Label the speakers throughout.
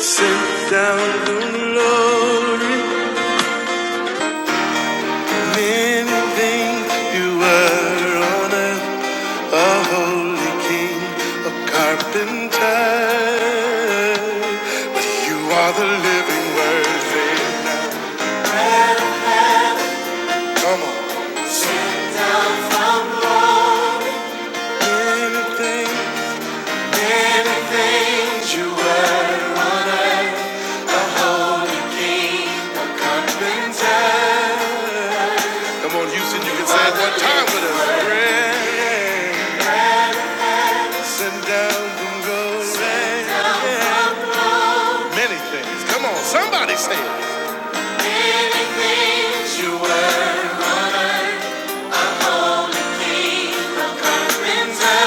Speaker 1: Sit down, glory, Many think you were on earth, a holy king, a carpenter. But you are the living word. now. Come on. Many think, many things you were inside. Come on, Houston, you can say it one time with us. Sit down, Dolores. Many things. Come on, somebody say it. Things you were king of. carpenter.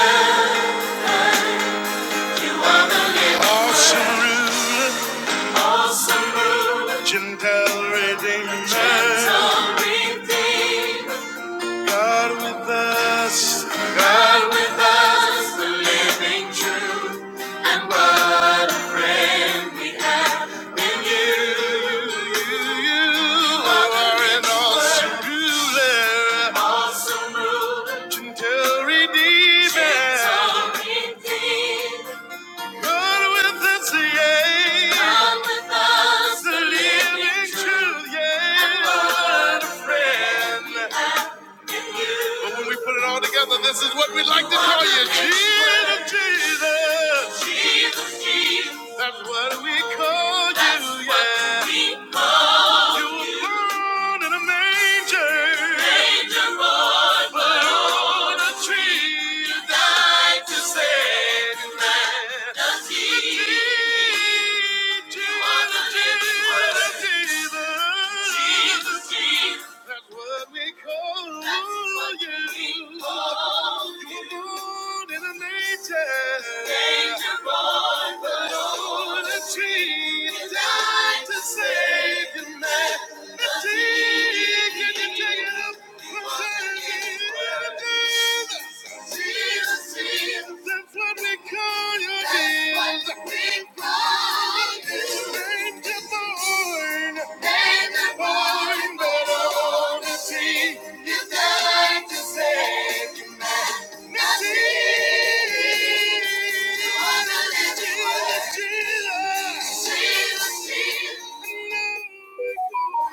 Speaker 1: You are the living Awesome ruler, awesome ruler. Gentle redeemer. Gentle redeemer. God with us, God with us, the living truth, and what a friend we have in you. You, you are an awesome ruler, awesome ruler, gentle redeemer, gentle redeemer. God with us, yeah, God with us, the living truth, yeah, and what a friend. But when we put it all together, this is what we'd like to call you. Jesus, Jesus. Jesus, Jesus. That's what we call you, That's what yeah. we call You You were born in a manger, manger born, but on a tree you died to save man. The Jesus, Jesus, Jesus. Jesus, Jesus. That's what we call what you. We call You ruled in a nature. Danger born, but on a tree. you Died to save humanity. Can you take it up? Jesus, Jesus. That's what we call you, Jesus. That's what we call you. Name the born. Name the born. But only see. You died to save you, man. Now the living Jesus, Jesus. Jesus, Jesus.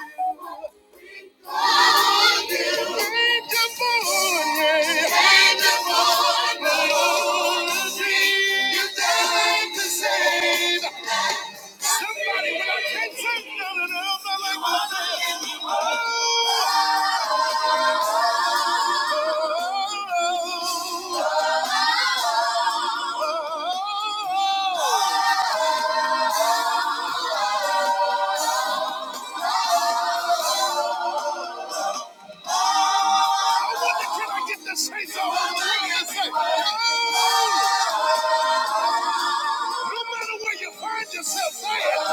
Speaker 1: Yourself, say it.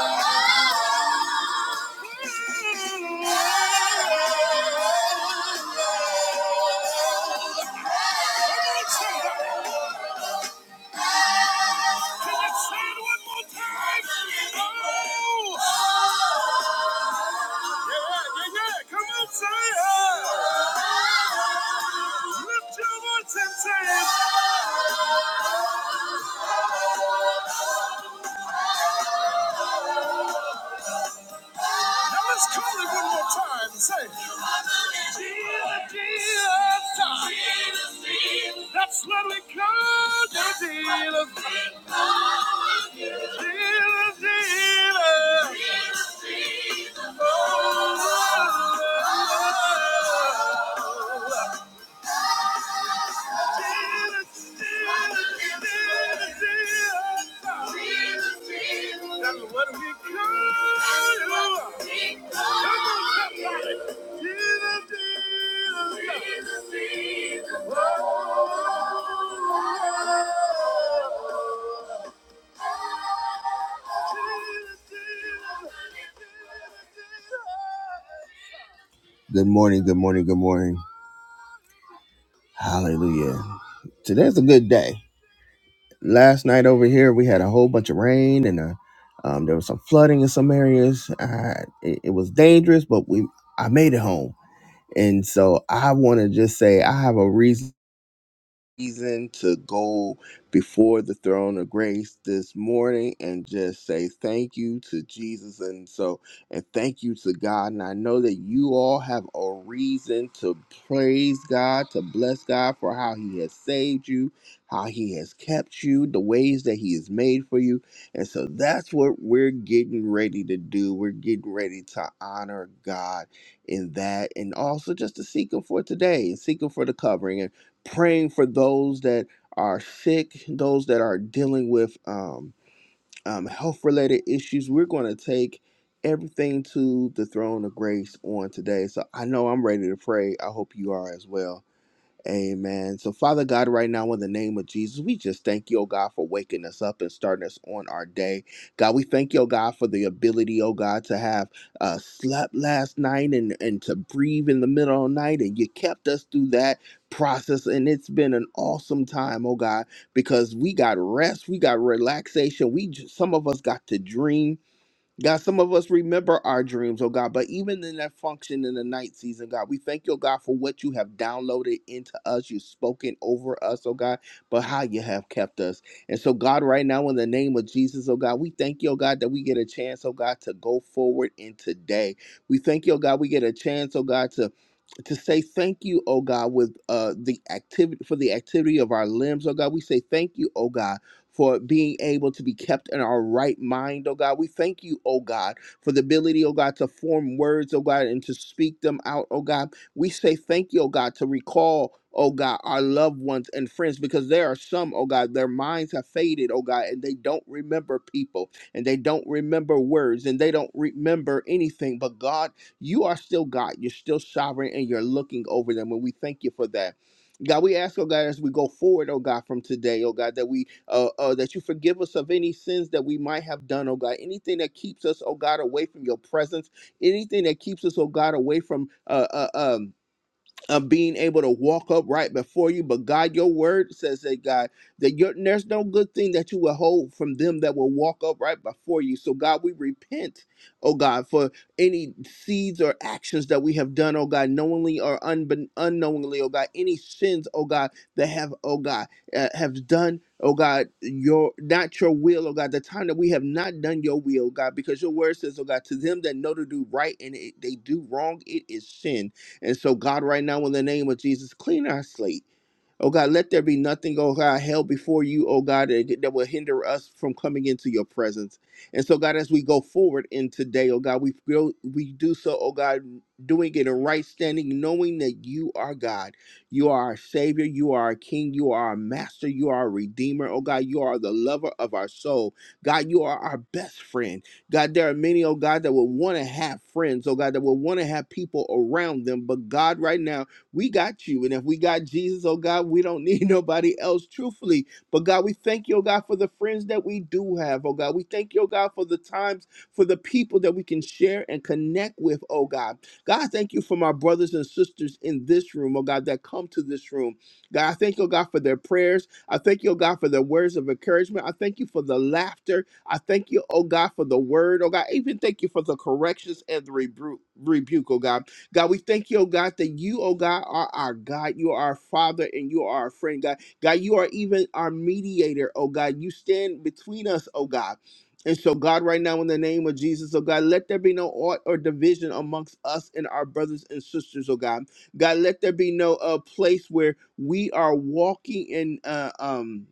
Speaker 1: Say it. Now let's call it one more time and say, Jesus, Jesus, time. That's what we call the dealer. Dealer, dealer. Oh, oh, oh, oh. Good morning, good morning, good morning. a whole bunch of rain and uh um, there was some flooding in some areas. I, it, it was dangerous, but we I made it home. And so I want to just say I have a reason reason to go before the throne of grace this morning and just say thank you to Jesus and so and thank you to God and I know that you all have a reason to praise God to bless God for how he has saved you how he has kept you the ways that he has made for you and so that's what we're getting ready to do we're getting ready to honor God in that and also just to seek him for today and seek him for the covering praying for those that are sick, those that are dealing with um, um, health related issues. We're going to take everything to the throne of grace on today. So I know I'm ready to pray. I hope you are as well. Amen. So, Father God, right now, in the name of Jesus, we just thank you, oh God, for waking us up and starting us on our day. God, we thank you, oh God, for the ability, oh God, to have uh, slept last night and, and to breathe in the middle of the night. And you kept us through that process. And it's been an awesome time, oh God, because we got rest, we got relaxation. We j- Some of us got to dream. God, some of us remember our dreams, oh God, but even in that function in the night season, God, we thank you, oh God, for what you have downloaded into us. You've spoken over us, oh God, but how you have kept us. And so, God, right now, in the name of Jesus, oh God, we thank you, oh God, that we get a chance, oh God, to go forward in today. We thank you, oh God, we get a chance, oh God, to to say thank you, oh God, with uh the activity for the activity of our limbs, oh God. We say thank you, oh God for being able to be kept in our right mind, oh God. We thank you, oh God, for the ability, oh God, to form words, oh God, and to speak them out, oh God. We say thank you, oh God, to recall. Oh God, our loved ones and friends, because there are some, oh God, their minds have faded, oh God, and they don't remember people and they don't remember words and they don't remember anything. But God, you are still God. You're still sovereign and you're looking over them. And we thank you for that. God, we ask, oh God, as we go forward, oh God, from today, oh God, that we uh, uh, that you forgive us of any sins that we might have done, oh God. Anything that keeps us, oh God, away from your presence, anything that keeps us, oh God, away from uh, uh, um, of being able to walk up right before you. But God, your word says that God, that your, there's no good thing that you will hold from them that will walk up right before you. So God, we repent, oh God, for any seeds or actions that we have done, oh God, knowingly or unbe- unknowingly, oh God, any sins, oh God, that have, oh God, uh, have done. Oh God, your not your will, oh God, the time that we have not done your will, God, because your word says, oh God, to them that know to do right and it, they do wrong, it is sin. And so, God, right now, in the name of Jesus, clean our slate Oh God, let there be nothing, oh God, held before you, oh God, that, that will hinder us from coming into your presence. And so, God, as we go forward in today, oh God, we feel we do so, oh God, doing it in right standing, knowing that you are God. You are our Savior, you are our King, you are our Master, you are our Redeemer, oh God, you are the lover of our soul. God, you are our best friend. God, there are many, oh God, that will want to have friends, oh God, that will want to have people around them. But God, right now, we got you. And if we got Jesus, oh God, we don't need nobody else, truthfully. But God, we thank you, oh God, for the friends that we do have, oh God. We thank you, oh God, for the times, for the people that we can share and connect with, oh God. God, thank you for my brothers and sisters in this room, oh God, that come to this room. God, I thank you, oh God, for their prayers. I thank you, oh God, for the words of encouragement. I thank you for the laughter. I thank you, oh God, for the word, oh God. I even thank you for the corrections and the rebu- rebuke, oh God. God, we thank you, oh God, that you, oh God, are our God. You are our Father and you are our friend, God. God, you are even our mediator, oh God. You stand between us, oh God. And so, God, right now, in the name of Jesus, oh God, let there be no aught or division amongst us and our brothers and sisters, oh God. God, let there be no uh, place where we are walking in uh, um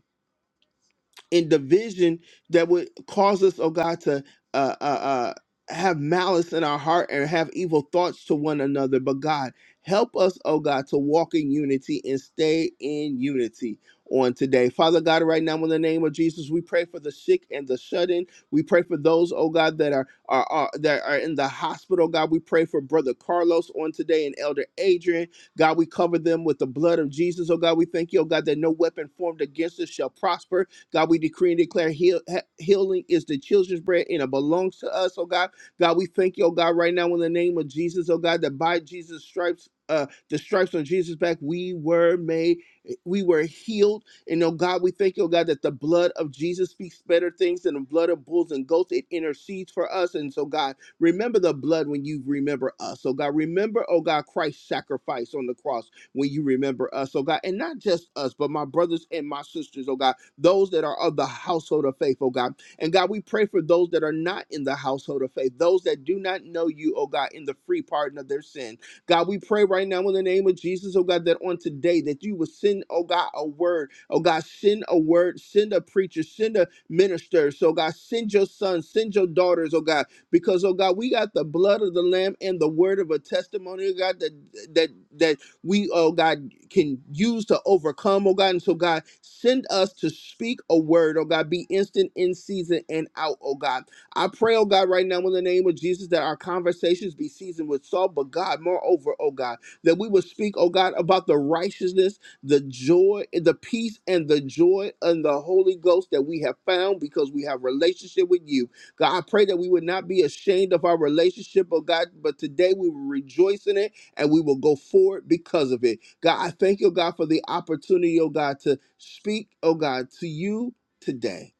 Speaker 1: and division that would cause us, oh God, to uh, uh, uh, have malice in our heart and have evil thoughts to one another. But God, help us, oh God, to walk in unity and stay in unity on today. Father God, right now in the name of Jesus, we pray for the sick and the shut in. We pray for those, oh God, that are, are, are that are in the hospital. God, we pray for Brother Carlos on today and Elder Adrian. God, we cover them with the blood of Jesus. Oh God, we thank you, oh God, that no weapon formed against us shall prosper God, we decree and declare heal, he- healing is the children's bread and it belongs to us, oh God. God, we thank you, oh God, right now in the name of Jesus, oh God, that by Jesus' stripes, uh, the stripes on Jesus' back, we were made, we were healed. And oh God, we thank you, oh God, that the blood of Jesus speaks better things than the blood of bulls and goats. It intercedes for us. And so, God, remember the blood when you remember us. So, God, remember, oh God, Christ's sacrifice on the cross when you remember us, oh God, and not just us, but my brothers and my sisters, oh God, those that are of the household of faith, oh God. And God, we pray for those that are not in the household of faith, those that do not know you, oh God, in the free pardon of their sin. God, we pray right now in the name of Jesus, oh God, that on today that you would send, oh God, a word, oh God, send a word, send a preacher, send a minister. So God, send your sons, send your daughters, oh God, because oh God, we got the blood of the Lamb and the word of a testimony, oh God, that that that we, oh God, can use to overcome, oh God. And so, God, send us to speak a word, oh God, be instant in season and out, oh God. I pray, oh God, right now in the name of Jesus that our conversations be seasoned with salt, but God, moreover, oh God, that we would speak, oh God, about the righteousness, the joy, the peace, and the joy and the Holy Ghost that we have found because we have relationship with you. God, I pray that we would not be ashamed of our relationship, oh God, but today we will rejoice in it and we will go forward because of it. God, I thank you, God, for the opportunity, oh God, to speak, oh God, to you today,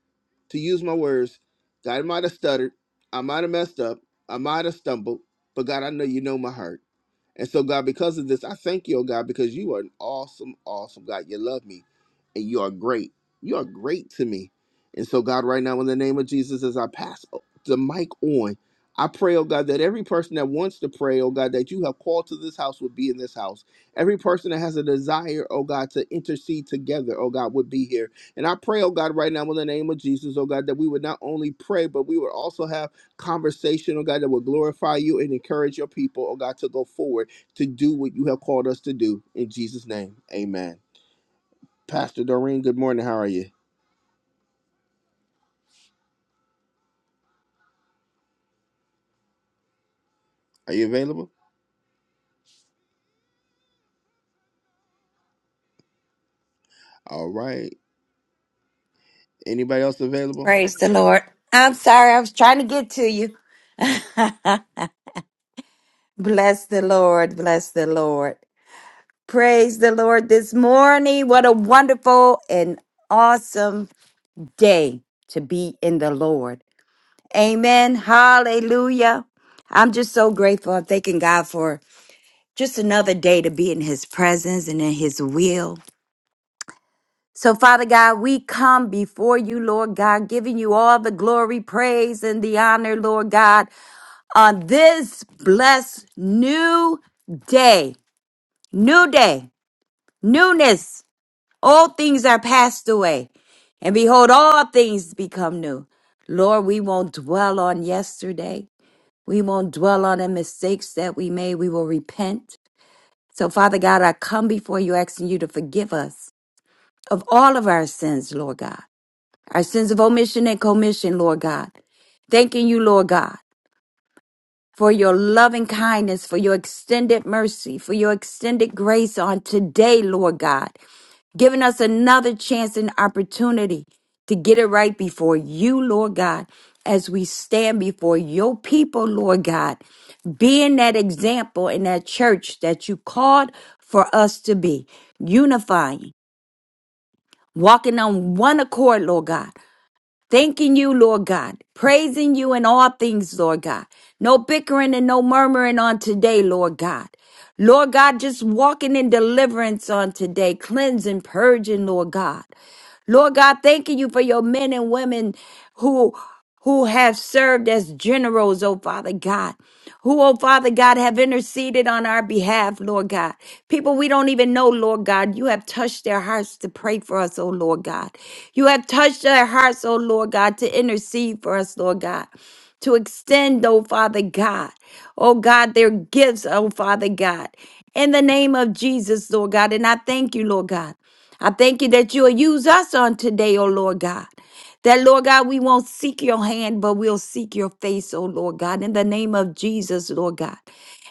Speaker 1: to use my words. God, I might have stuttered. I might have messed up. I might have stumbled. But God, I know you know my heart. And so, God, because of this, I thank you, oh God, because you are an awesome, awesome God. You love me and you are great. You are great to me. And so, God, right now, in the name of Jesus, as I pass the mic on, I pray, oh God, that every person that wants to pray, oh God, that you have called to this house would be in this house. Every person that has a desire, oh God, to intercede together, oh God, would be here. And I pray, oh God, right now, in the name of Jesus, oh God, that we would not only pray, but we would also have conversation, oh God, that will glorify you and encourage your people, oh God, to go forward to do what you have called us to do. In Jesus' name, amen. Pastor Doreen, good morning. How are you? Are you available? All right. Anybody else available?
Speaker 2: Praise the Lord. I'm sorry, I was trying to get to you. bless the Lord. Bless the Lord. Praise the Lord this morning. What a wonderful and awesome day to be in the Lord. Amen. Hallelujah. I'm just so grateful. I'm thanking God for just another day to be in His presence and in His will. So, Father God, we come before you, Lord God, giving you all the glory, praise, and the honor, Lord God. on this blessed new day, new day, newness. All things are passed away, and behold, all things become new. Lord, we won't dwell on yesterday. We won't dwell on the mistakes that we made. We will repent. So, Father God, I come before you asking you to forgive us of all of our sins, Lord God, our sins of omission and commission, Lord God. Thanking you, Lord God. for your loving kindness, for your extended mercy, for your extended grace on today, Lord God, giving us another chance and opportunity to get it right before you, Lord God, as we stand before your people, Lord God, being that example in that church that you called for us to be, unifying, walking on one accord, Lord God, Thanking you, Lord God. Praising you in all things, Lord God. No bickering and no murmuring on today, Lord God. Lord God, just walking in deliverance on today, cleansing, purging, Lord God. Lord God, thanking you for your men and women who who have served as generals, oh Father God, who, oh Father God, have interceded on our behalf, Lord God. People we don't even know, Lord God, you have touched their hearts to pray for us, oh Lord God. You have touched their hearts, oh Lord God, to intercede for us, Lord God. To extend, oh Father God, oh God, their gifts, oh Father God, in the name of Jesus, Lord God. And I thank you, Lord God. I thank you that you'll use us on today, O Lord God. That, Lord God, we won't seek your hand, but we'll seek your face, O Lord God, in the name of Jesus, Lord God.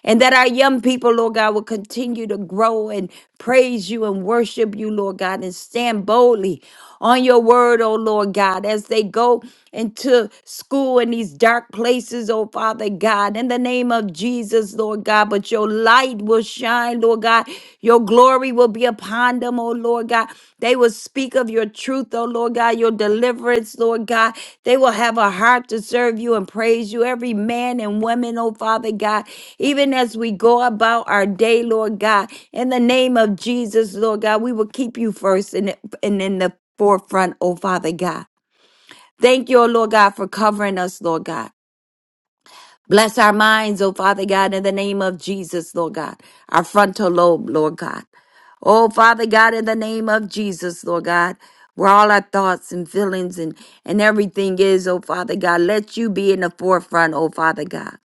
Speaker 2: And that our young people, Lord God, will continue to grow and praise you and worship you, Lord God, and stand boldly on your word, oh Lord God, as they go into school in these dark places, oh Father God, in the name of Jesus. Jesus, Lord God, but your light will shine, Lord God. Your glory will be upon them, oh Lord God. They will speak of your truth, oh Lord God, your deliverance, Lord God. They will have a heart to serve you and praise you, every man and woman, oh Father God, even as we go about our day, Lord God. In the name of Jesus, Lord God, we will keep you first and, and in the forefront, oh Father God. Thank you, oh Lord God, for covering us, Lord God. Bless our minds, oh Father God, in the name of Jesus, Lord God. Our frontal lobe, Lord God. Oh Father God, in the name of Jesus, Lord God. Where all our thoughts and feelings and, and everything is, oh Father God. Let you be in the forefront, oh Father God.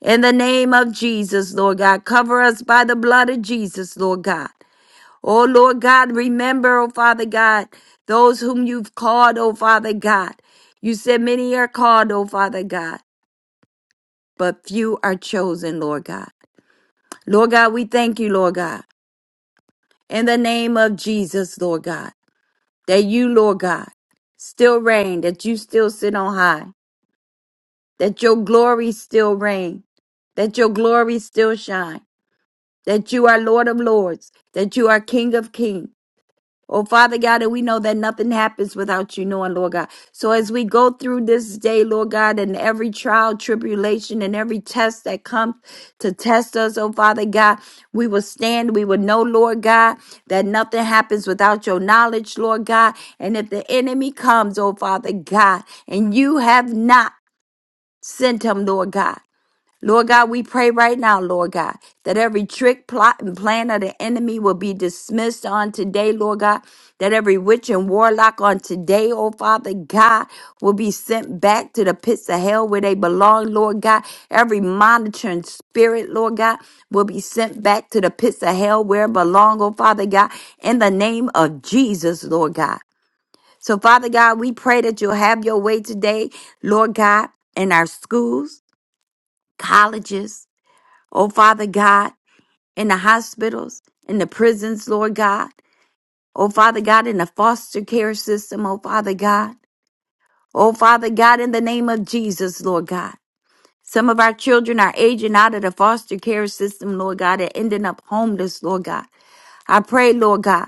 Speaker 2: In the name of Jesus, Lord God. Cover us by the blood of Jesus, Lord God. Oh Lord God, remember, oh Father God, those whom you've called, oh Father God. You said many are called, oh Father God but few are chosen, Lord God. Lord God, we thank you, Lord God, in the name of Jesus, Lord God, that you, Lord God, still reign, that you still sit on high, that your glory still reign, that your glory still shine, that you are Lord of lords, that you are King of kings, Oh, Father God, and we know that nothing happens without you knowing, Lord God. So as we go through this day, Lord God, and every trial, tribulation, and every test that comes to test us, oh, Father God, we will stand. We will know, Lord God, that nothing happens without your knowledge, Lord God. And if the enemy comes, oh, Father God, and you have not sent him, Lord God. Lord God, we pray right now, Lord God, that every trick, plot, and plan of the enemy will be dismissed on today, Lord God. That every witch and warlock on today, oh Father God, will be sent back to the pits of hell where they belong, Lord God. Every monitoring spirit, Lord God, will be sent back to the pits of hell where it belong, oh Father God, in the name of Jesus, Lord God. So, Father God, we pray that you'll have your way today, Lord God, in our schools, colleges, Oh, Father God, in the hospitals, in the prisons, Lord God. Oh, Father God, in the foster care system, oh, Father God. Oh, Father God, in the name of Jesus, Lord God. Some of our children are aging out of the foster care system, Lord God, and ending up homeless, Lord God. I pray, Lord God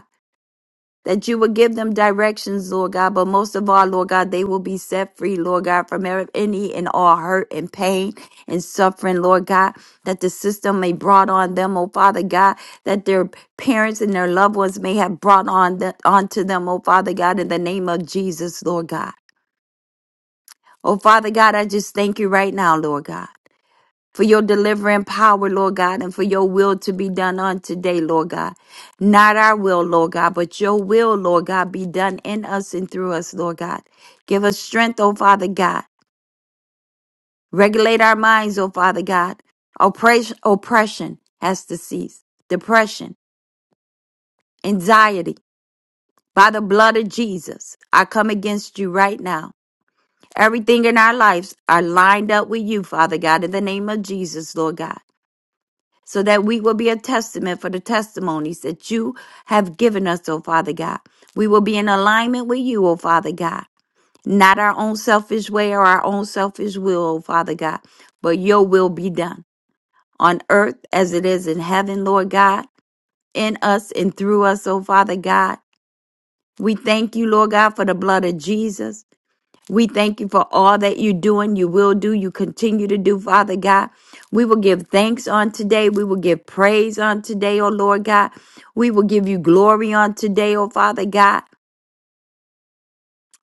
Speaker 2: that you will give them directions, Lord God, but most of all, Lord God, they will be set free, Lord God, from every- any and all hurt and pain and suffering, Lord God, that the system may brought on them, oh Father God, that their parents and their loved ones may have brought on the, onto them, oh Father God, in the name of Jesus, Lord God. Oh Father God, I just thank you right now, Lord God for your delivering power, Lord God, and for your will to be done on today, Lord God. Not our will, Lord God, but your will, Lord God, be done in us and through us, Lord God. Give us strength, oh Father God. Regulate our minds, oh Father God. Oppression, oppression has to cease. Depression, anxiety, by the blood of Jesus, I come against you right now. Everything in our lives are lined up with you, Father God, in the name of Jesus, Lord God. so that we will be a testament for the testimonies that you have given us, O Father God. We will be in alignment with you, O Father God. Not our own selfish way or our own selfish will, O Father God, but your will be done on earth as it is in heaven, Lord God, in us and through us, O Father God. We thank you, Lord God, for the blood of Jesus. We thank you for all that you're doing, you will do, you continue to do, Father God. We will give thanks on today. We will give praise on today, oh Lord God. We will give you glory on today, oh Father God.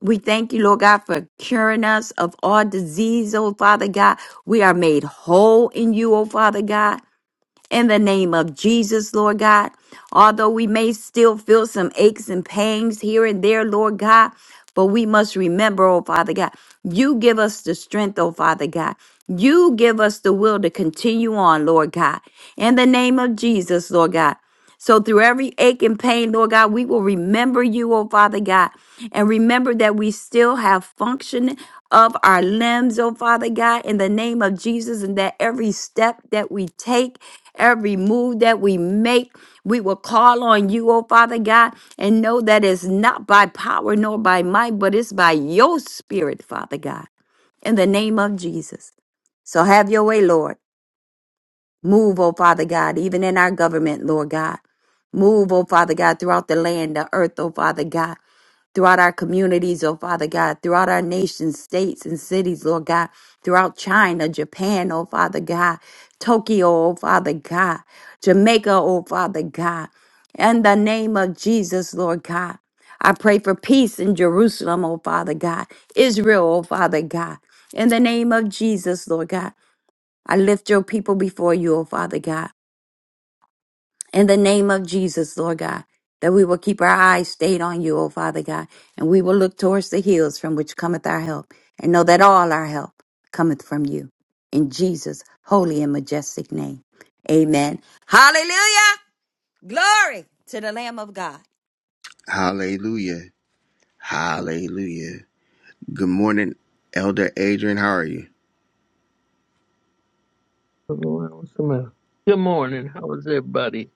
Speaker 2: We thank you, Lord God, for curing us of all disease, oh Father God. We are made whole in you, oh Father God in the name of Jesus, Lord God. Although we may still feel some aches and pains here and there, Lord God, but we must remember, oh Father God, you give us the strength, oh Father God. You give us the will to continue on, Lord God. In the name of Jesus, Lord God. So through every ache and pain, Lord God, we will remember you, oh Father God, and remember that we still have function of our limbs, oh Father God, in the name of Jesus, and that every step that we take, every move that we make, we will call on you, oh Father God, and know that it's not by power nor by might, but it's by your spirit, Father God, in the name of Jesus. So have your way, Lord. Move, oh Father God, even in our government, Lord God. Move, oh Father God, throughout the land, the earth, oh Father God, throughout our communities, oh Father God, throughout our nations, states, and cities, Lord God, throughout China, Japan, oh Father God, Tokyo, oh Father God, Jamaica, oh Father God. In the name of Jesus, Lord God, I pray for peace in Jerusalem, oh Father God, Israel, oh Father God. In the name of Jesus, Lord God. I lift your people before you, O Father God. In the name of Jesus, Lord God, that we will keep our eyes stayed on you, O Father God, and we will look towards the hills from which cometh our help, and know that all our help cometh from you. In Jesus' holy and majestic name. Amen. Hallelujah. Glory to the Lamb of God.
Speaker 1: Hallelujah. Hallelujah. Good morning, Elder Adrian. How are you?
Speaker 3: What's What's the matter? Good morning. How is everybody?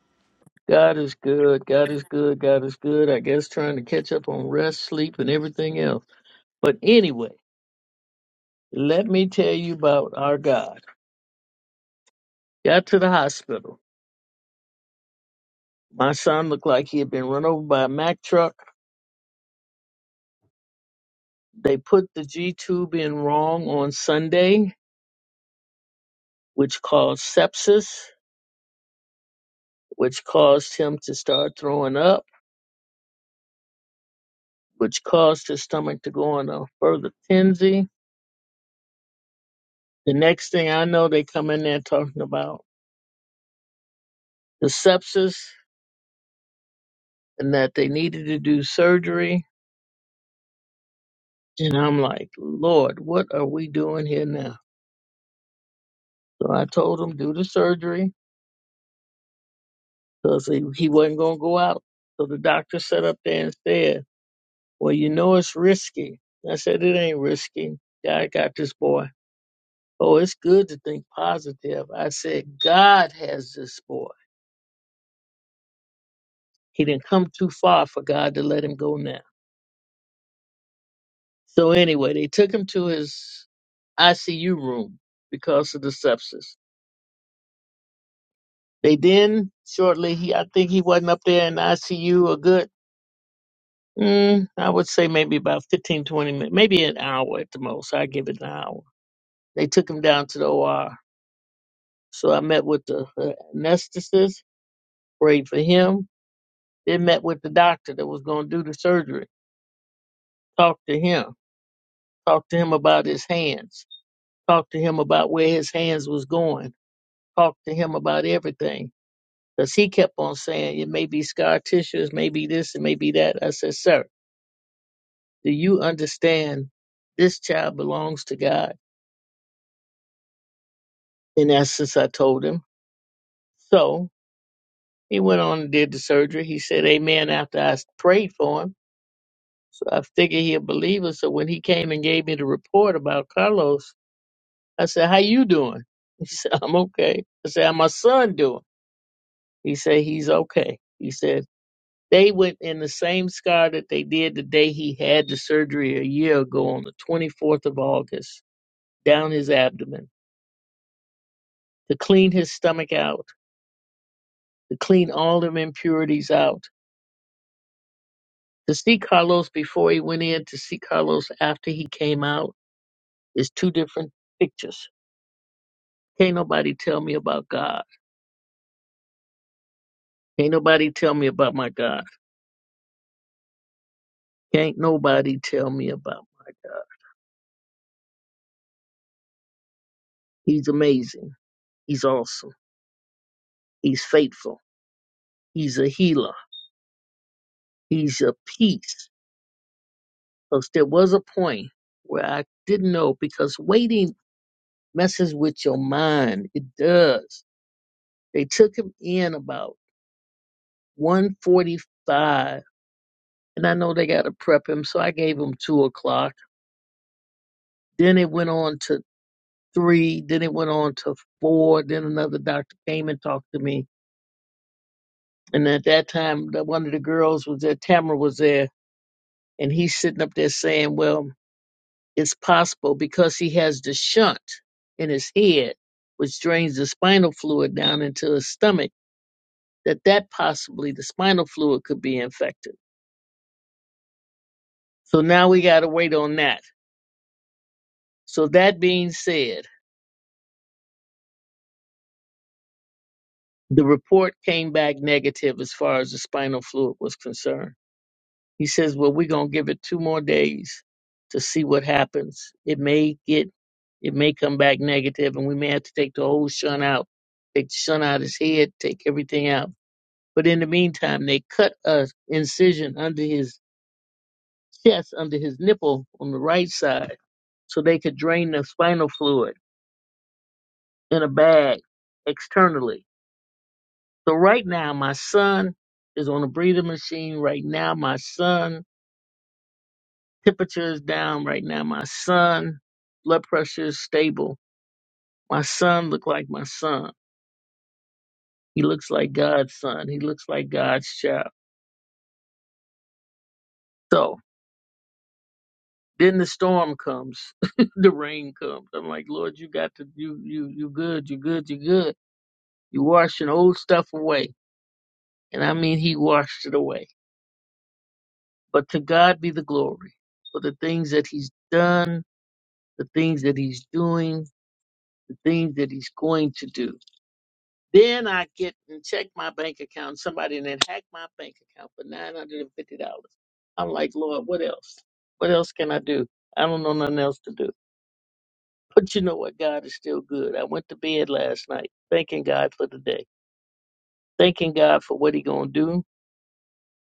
Speaker 3: God is good. God is good. God is good. I guess trying to catch up on rest, sleep, and everything else. But anyway, let me tell you about our God. Got to the hospital. My son looked like he had been run over by a Mack truck. They put the G tube in wrong on Sunday, which caused sepsis, which caused him to start throwing up, which caused his stomach to go on a further tensy The next thing I know, they come in there talking about the sepsis and that they needed to do surgery. And I'm like, Lord, what are we doing here now? So I told him, do the surgery because he, he wasn't going to go out. So the doctor sat up there and said, well, you know, it's risky. I said, it ain't risky. God got this boy. Oh, it's good to think positive. I said, God has this boy. He didn't come too far for God to let him go now. So anyway, they took him to his ICU room because of the sepsis. They then shortly, he I think he wasn't up there in the ICU a good, mm, I would say maybe about 15, 20 minutes, maybe an hour at the most. I give it an hour. They took him down to the OR. So I met with the uh, anesthetist, prayed for him, then met with the doctor that was going to do the surgery, talked to him, talked to him about his hands, talked to him about where his hands was going, talked to him about everything Because he kept on saying, it may be scar tissues, maybe this, and maybe that. I said, sir, do you understand this child belongs to God? In essence, I told him. So he went on and did the surgery. He said amen after I prayed for him. So I figured he believe us. So when he came and gave me the report about Carlos, I said, how you doing? He said, I'm okay. I said, how my son doing? He said, he's okay. He said. They went in the same scar that they did the day he had the surgery a year ago on the 24th of August, down his abdomen, to clean his stomach out, to clean all them impurities out. To see Carlos before he went in, to see Carlos after he came out is two different pictures. Can't nobody tell me about God. Can't nobody tell me about my God. Can't nobody tell me about my God. He's amazing. He's awesome. He's faithful. He's a healer. He's a peace. Because there was a point where I didn't know because waiting messes with your mind. It does. They took him in about 145 and I know they gotta prep him, so I gave him two o'clock. Then it went on to three, then it went on to four, then another doctor came and talked to me. And at that time the- one of the girls was there, Tamara was there, and he's sitting up there saying, Well, is possible because he has the shunt in his head, which drains the spinal fluid down into his stomach, that that possibly the spinal fluid could be infected. So now we got to wait on that. So that being said, the report came back negative as far as the spinal fluid was concerned. He says, well, we're going to give it two more days to see what happens. It may get, it may come back negative and we may have to take the whole shunt out, take the shunt out of his head, take everything out But in the meantime, they cut a incision under his chest, under his nipple on the right side, so they could drain the spinal fluid in a bag externally. So right now, my son is on a breather machine. Right now, my son temperature is down. Right now, my son blood pressure is stable. My son look like my son. He looks like God's son. He looks like God's child. So. Then the storm comes, the rain comes. I'm like, Lord, you got to, you, you, you good, you good, you good. You washing old stuff away. And I mean, he washed it away. But to God be the glory for the things that he's done, the things that he's doing, the things that he's going to do. Then I get and check my bank account. Somebody and then hack my bank account for $950. I'm like, Lord, what else? What else can I do? I don't know nothing else to do. But you know what? God is still good. I went to bed last night thanking God for the day, thanking God for what He gonna do,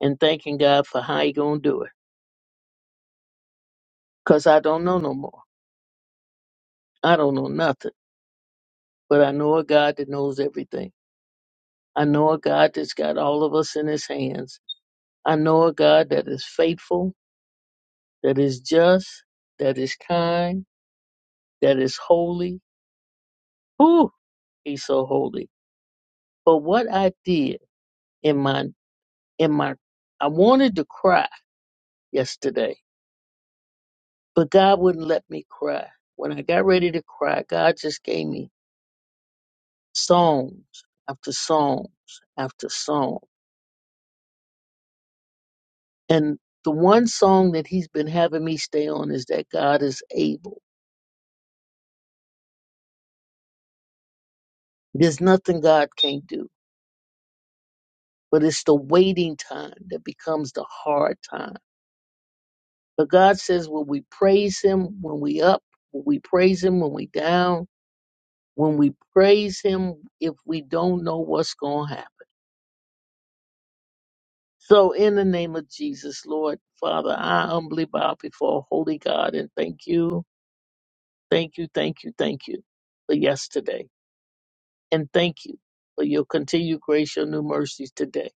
Speaker 3: and thanking God for how He gonna do it. Cause I don't know no more. I don't know nothing, but I know a God that knows everything. I know a God that's got all of us in His hands. I know a God that is faithful, that is just, that is kind, that is holy. Whew, He's so holy. But what I did in my in my, I wanted to cry yesterday But God wouldn't let me cry. When I got ready to cry, God just gave me songs after songs after song. And the one song that He's been having me stay on is that God is able. There's nothing God can't do, but it's the waiting time that becomes the hard time. But God says when we praise Him, when we up, when we praise Him, when we down, when we praise Him, if we don't know what's going to happen. So, in the name of Jesus, Lord, Father, I humbly bow before Holy God and thank you, thank you, thank you, thank you for yesterday. And thank you for your continued grace, your new mercies today.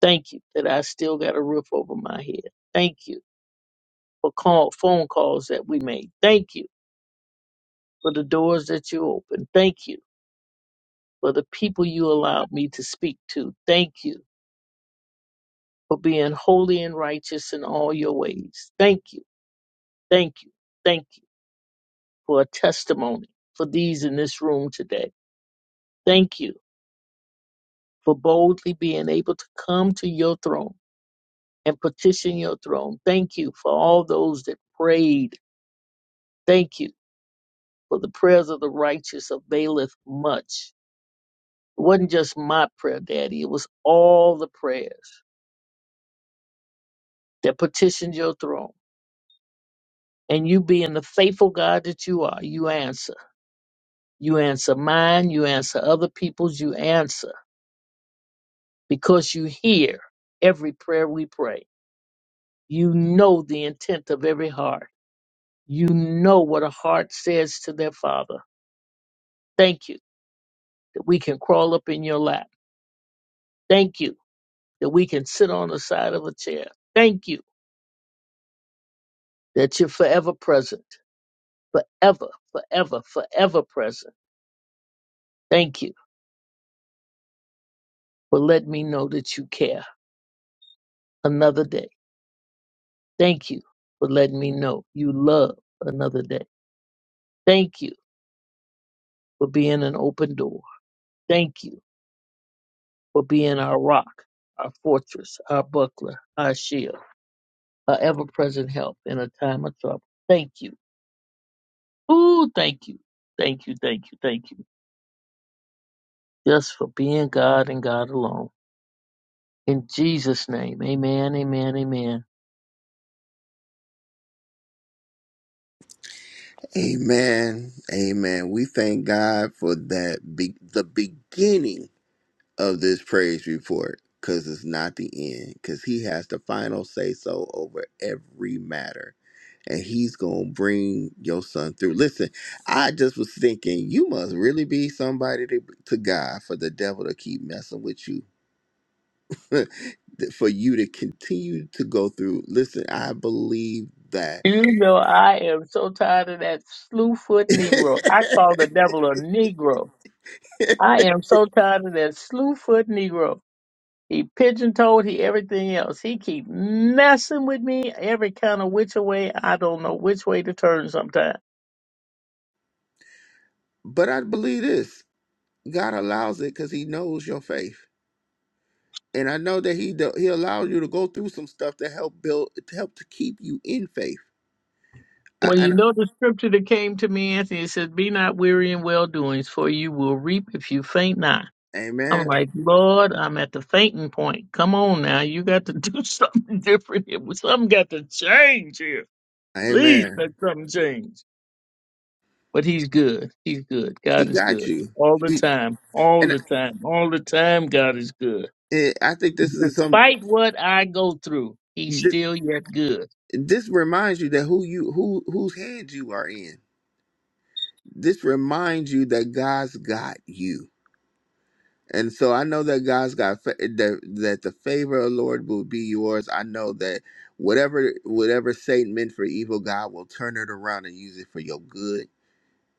Speaker 3: Thank you that I still got a roof over my head. Thank you for call, phone calls that we made. Thank you for the doors that you opened. Thank you for the people you allowed me to speak to. Thank you for being holy and righteous in all your ways. Thank you, thank you, thank you for a testimony for these in this room today. Thank you for boldly being able to come to your throne and petition your throne. Thank you for all those that prayed. Thank you for the prayers of the righteous availeth much. It wasn't just my prayer, Daddy. It was all the prayers that petitioned your throne. And you being the faithful God that you are, you answer. You answer mine, you answer other people's, you answer because you hear every prayer we pray. You know the intent of every heart. You know what a heart says to their father. Thank you that we can crawl up in your lap. Thank you that we can sit on the side of a chair. Thank you that you're forever present, forever, forever, forever present. Thank you for letting me know that you care another day. Thank you for letting me know you love another day. Thank you for being an open door. Thank you for being our rock, our fortress, our buckler, our shield. a ever present help in a time of trouble. Thank you. Ooh, thank you. Thank you, thank you, thank you. Just for being God and God alone. In Jesus' name, amen, amen, amen.
Speaker 1: Amen. Amen. We thank God for that be- the beginning of this praise report because it's not the end because he has the final say so over every matter. and he's gonna bring your son through. Listen, I just was thinking you must really be somebody to, to God for the devil to keep messing with you, for you to continue to go through. Listen, I believe that,
Speaker 3: You know, I am so tired of that slew foot Negro. I call the devil a Negro. I am so tired of that slew foot Negro. He pigeon toed, he everything else. He keep messing with me every kind of which way. I don't know which way to turn sometimes.
Speaker 1: but I believe this: God allows it because He knows your faith. And I know that he do, he allows you to go through some stuff to help build to help to keep you in faith. I,
Speaker 3: Well, you
Speaker 1: and,
Speaker 3: know the scripture that came to me, Anthony, it says, Be not weary in well doings, for you will reap if you faint not. I'm
Speaker 1: amen,
Speaker 3: like, Lord, I'm at the fainting point. Come on now, you got to do something different here. Something got to change here. Please
Speaker 1: amen.
Speaker 3: let something change. But he's good. He's good.
Speaker 1: He
Speaker 3: God is
Speaker 1: got
Speaker 3: good.
Speaker 1: you.
Speaker 3: All the
Speaker 1: He,
Speaker 3: time. All
Speaker 1: and
Speaker 3: the time. All the time, God is good.
Speaker 1: it, I think this is some.
Speaker 3: Despite what I go through, he's
Speaker 1: This,
Speaker 3: still yet good.
Speaker 1: this reminds you that who you who whose hands you are in. This reminds you that God's got you, and so I know that God's got fa- that that the favor of the Lord will be yours. I know that whatever whatever Satan meant for evil, God will turn it around and use it for your good.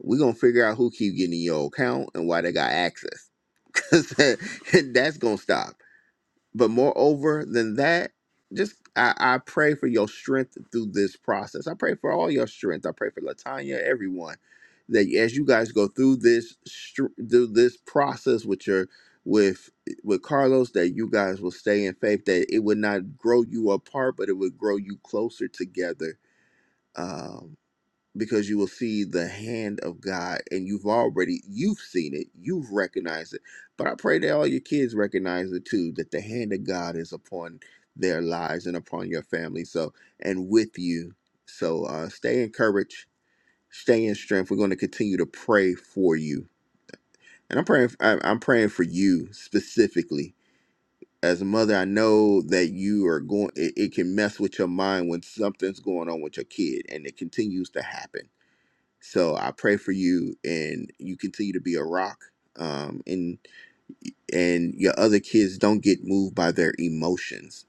Speaker 1: We're gonna figure out who keep getting in your account and why they got access, because that's gonna stop. But moreover than that, just I, I pray for your strength through this process. I pray for all your strength. I pray for Latanya, everyone, that as you guys go through this str- through this process with your with with Carlos, that you guys will stay in faith. That it would not grow you apart, but it would grow you closer together. Um, because you will see the hand of God and you've already you've seen it, you've recognized it. But I pray that all your kids recognize it too, that the hand of God is upon their lives and upon your family. So and with you. So uh stay encouraged, stay in strength. We're going to continue to pray for you. And I'm praying I'm I'm praying for you specifically. As a mother, I know that you are going it, it can mess with your mind when something's going on with your kid and it continues to happen so I pray for you, and you continue to be a rock. Um, and and your other kids don't get moved by their emotions.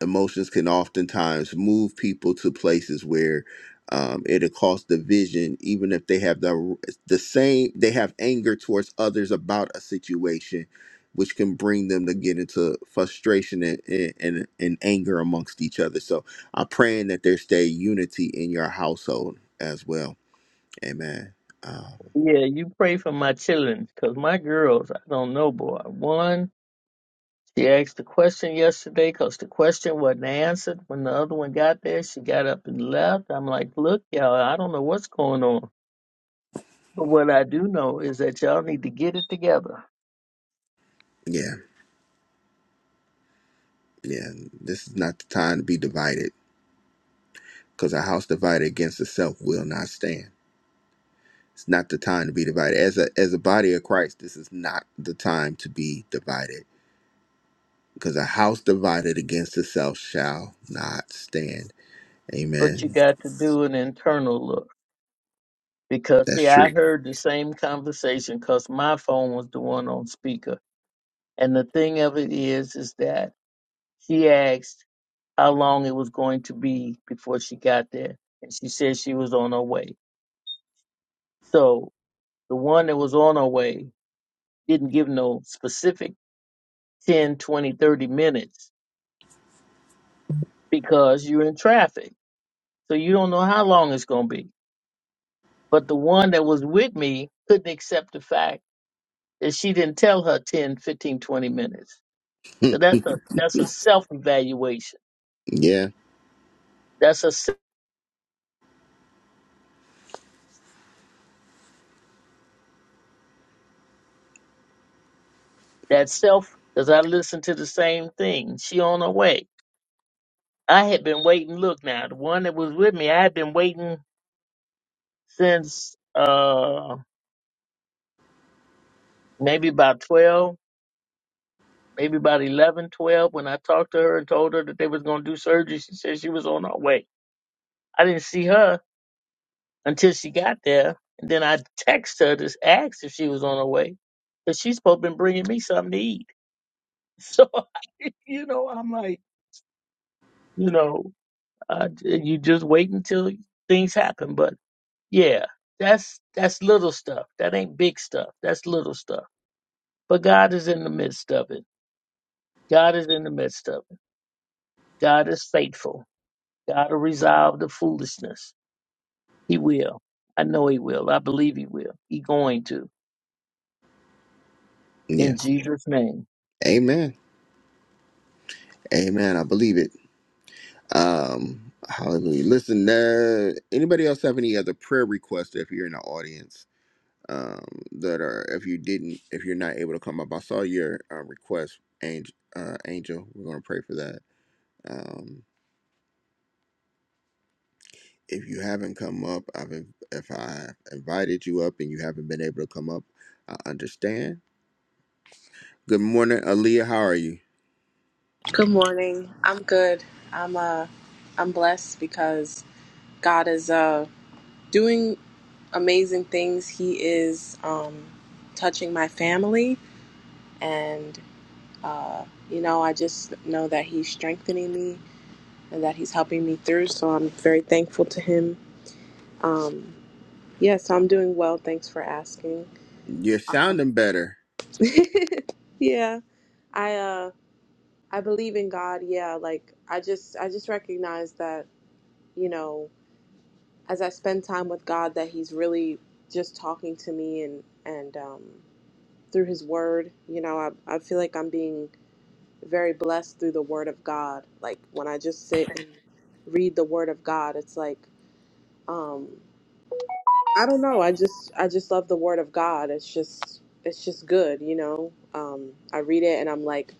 Speaker 1: Emotions can oftentimes move people to places where um, it'll cause division, even if they have the the same. They have anger towards others about a situation, which can bring them to get into frustration and and, and anger amongst each other. So I'm praying that there stay unity in your household as well Amen. Um,
Speaker 3: Yeah, you pray for my children, 'cause my girls, I don't know, boy. One She asked the question yesterday because the question wasn't answered. When the other one got there, she got up and left. I'm like, look, y'all, I don't know what's going on. But what I do know is that y'all need to get it together.
Speaker 1: yeah, yeah. This is not the time to be divided, because a house divided against itself will not stand. It's not the time to be divided. As a as a body of Christ, this is not the time to be divided, because a house divided against itself shall not stand.
Speaker 3: But you
Speaker 1: Amen.
Speaker 3: got to do an internal look. Because,
Speaker 1: That's
Speaker 3: see, I
Speaker 1: true.
Speaker 3: heard the same conversation because my phone was the one on speaker. And the thing of it is, is that she asked how long it was going to be before she got there. And she said she was on her way. So the one that was on her way didn't give no specific 10, 20, 30 minutes because you're in traffic. So you don't know how long it's going to be. But the one that was with me couldn't accept the fact that she didn't tell her 10, 15, 20 minutes. So that's a, that's a self evaluation.
Speaker 1: Yeah,
Speaker 3: That's a s- that self, because I listened to the same thing. She on her way. I had been waiting. Look now, the one that was with me, I had been waiting since uh maybe about 12 maybe about 11, 12. when I talked to her and told her that they was going to do surgery, she said she was on her way. I didn't see her until she got there. And then I texted her to ask if she was on her way because she's supposed to be bringing me something to eat. So, you know, I'm like, you know, uh, you just wait until things happen. But yeah, that's that's little stuff. That ain't big stuff. That's little stuff. But God is in the midst of it. God is in the midst of it. God is faithful. God will resolve the foolishness. He will. I know he will. I believe he will. He going to.
Speaker 1: yeah.
Speaker 3: In Jesus' name.
Speaker 1: Amen. Amen. I believe it. Um. Hallelujah. Listen, uh, anybody else have any other prayer requests if you're in the audience? um, that are if you didn't if you're not able to come up i saw your uh, request angel, uh, angel we're going to pray for that um, if you haven't come up i've if i invited you up and you haven't been able to come up i understand good morning aaliyah how are you
Speaker 4: Good morning. I'm good. I'm uh I'm blessed because God is uh doing amazing things. He is um touching my family and uh you know, I just know that he's strengthening me and that he's helping me through, so I'm very thankful to him. Um yeah, so I'm doing well. Thanks for asking.
Speaker 1: you're
Speaker 4: Uh,
Speaker 1: sounding better
Speaker 4: yeah. I uh I believe in God. Yeah, like I just I just recognize that, you know, as I spend time with God that He's really just talking to me and and um, through His Word. You know, I I feel like I'm being very blessed through the Word of God. Like when I just sit and read the Word of God, it's like um, I don't know. I just I just love the Word of God. It's just it's just good. You know, um, I read it and I'm like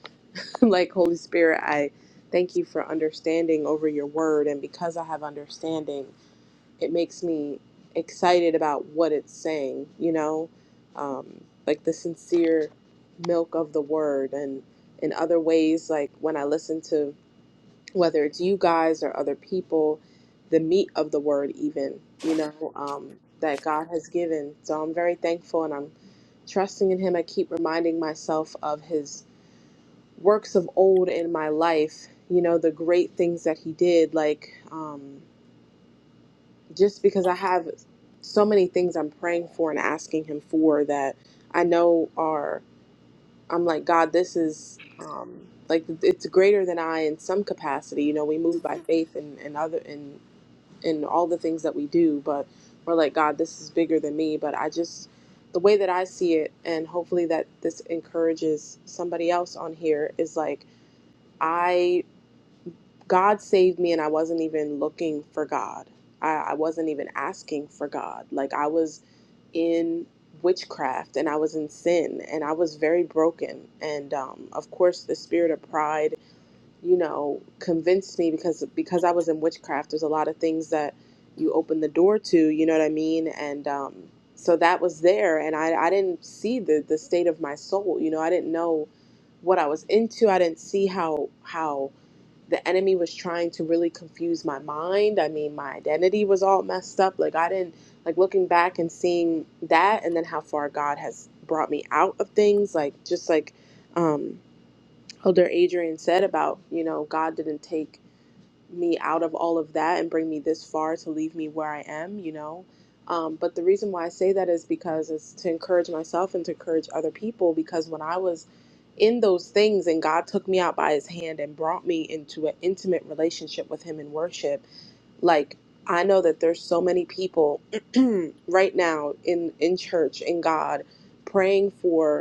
Speaker 4: like Holy Spirit, I. Thank you for understanding over your word. And because I have understanding, it makes me excited about what it's saying, you know, um, like the sincere milk of the word and in other ways, like when I listen to whether it's you guys or other people, the meat of the word, even, you know, um, that God has given. So I'm very thankful and I'm trusting in Him. I keep reminding myself of His works of old in my life, you know, the great things that He did, like, um, just because I have so many things I'm praying for and asking Him for that I know are, I'm like, God, this is um, like it's greater than I in some capacity. You know, we move by faith and, and other and in all the things that we do, but we're like, God, this is bigger than me. But I just the way that I see it, and hopefully that this encourages somebody else on here is like. I. God saved me, and I wasn't even looking for God. I, I wasn't even asking for God. Like, I was in witchcraft and I was in sin and I was very broken. And um, of course, the spirit of pride, you know, convinced me because because I was in witchcraft, there's a lot of things that you open the door to, you know what I mean? And um, so that was there. And I, I didn't see the, the state of my soul, you know, I didn't know what I was into. I didn't see how, how the enemy was trying to really confuse my mind. I mean, my identity was all messed up. Like I didn't like looking back and seeing that and then how far God has brought me out of things, like just like um Elder Adrian said about, you know, God didn't take me out of all of that and bring me this far to leave me where I am, you know. Um, but the reason why I say that is because it's to encourage myself and to encourage other people. Because when I was in those things and God took me out by his hand and brought me into an intimate relationship with him in worship, like I know that there's so many people right now in in church in God praying for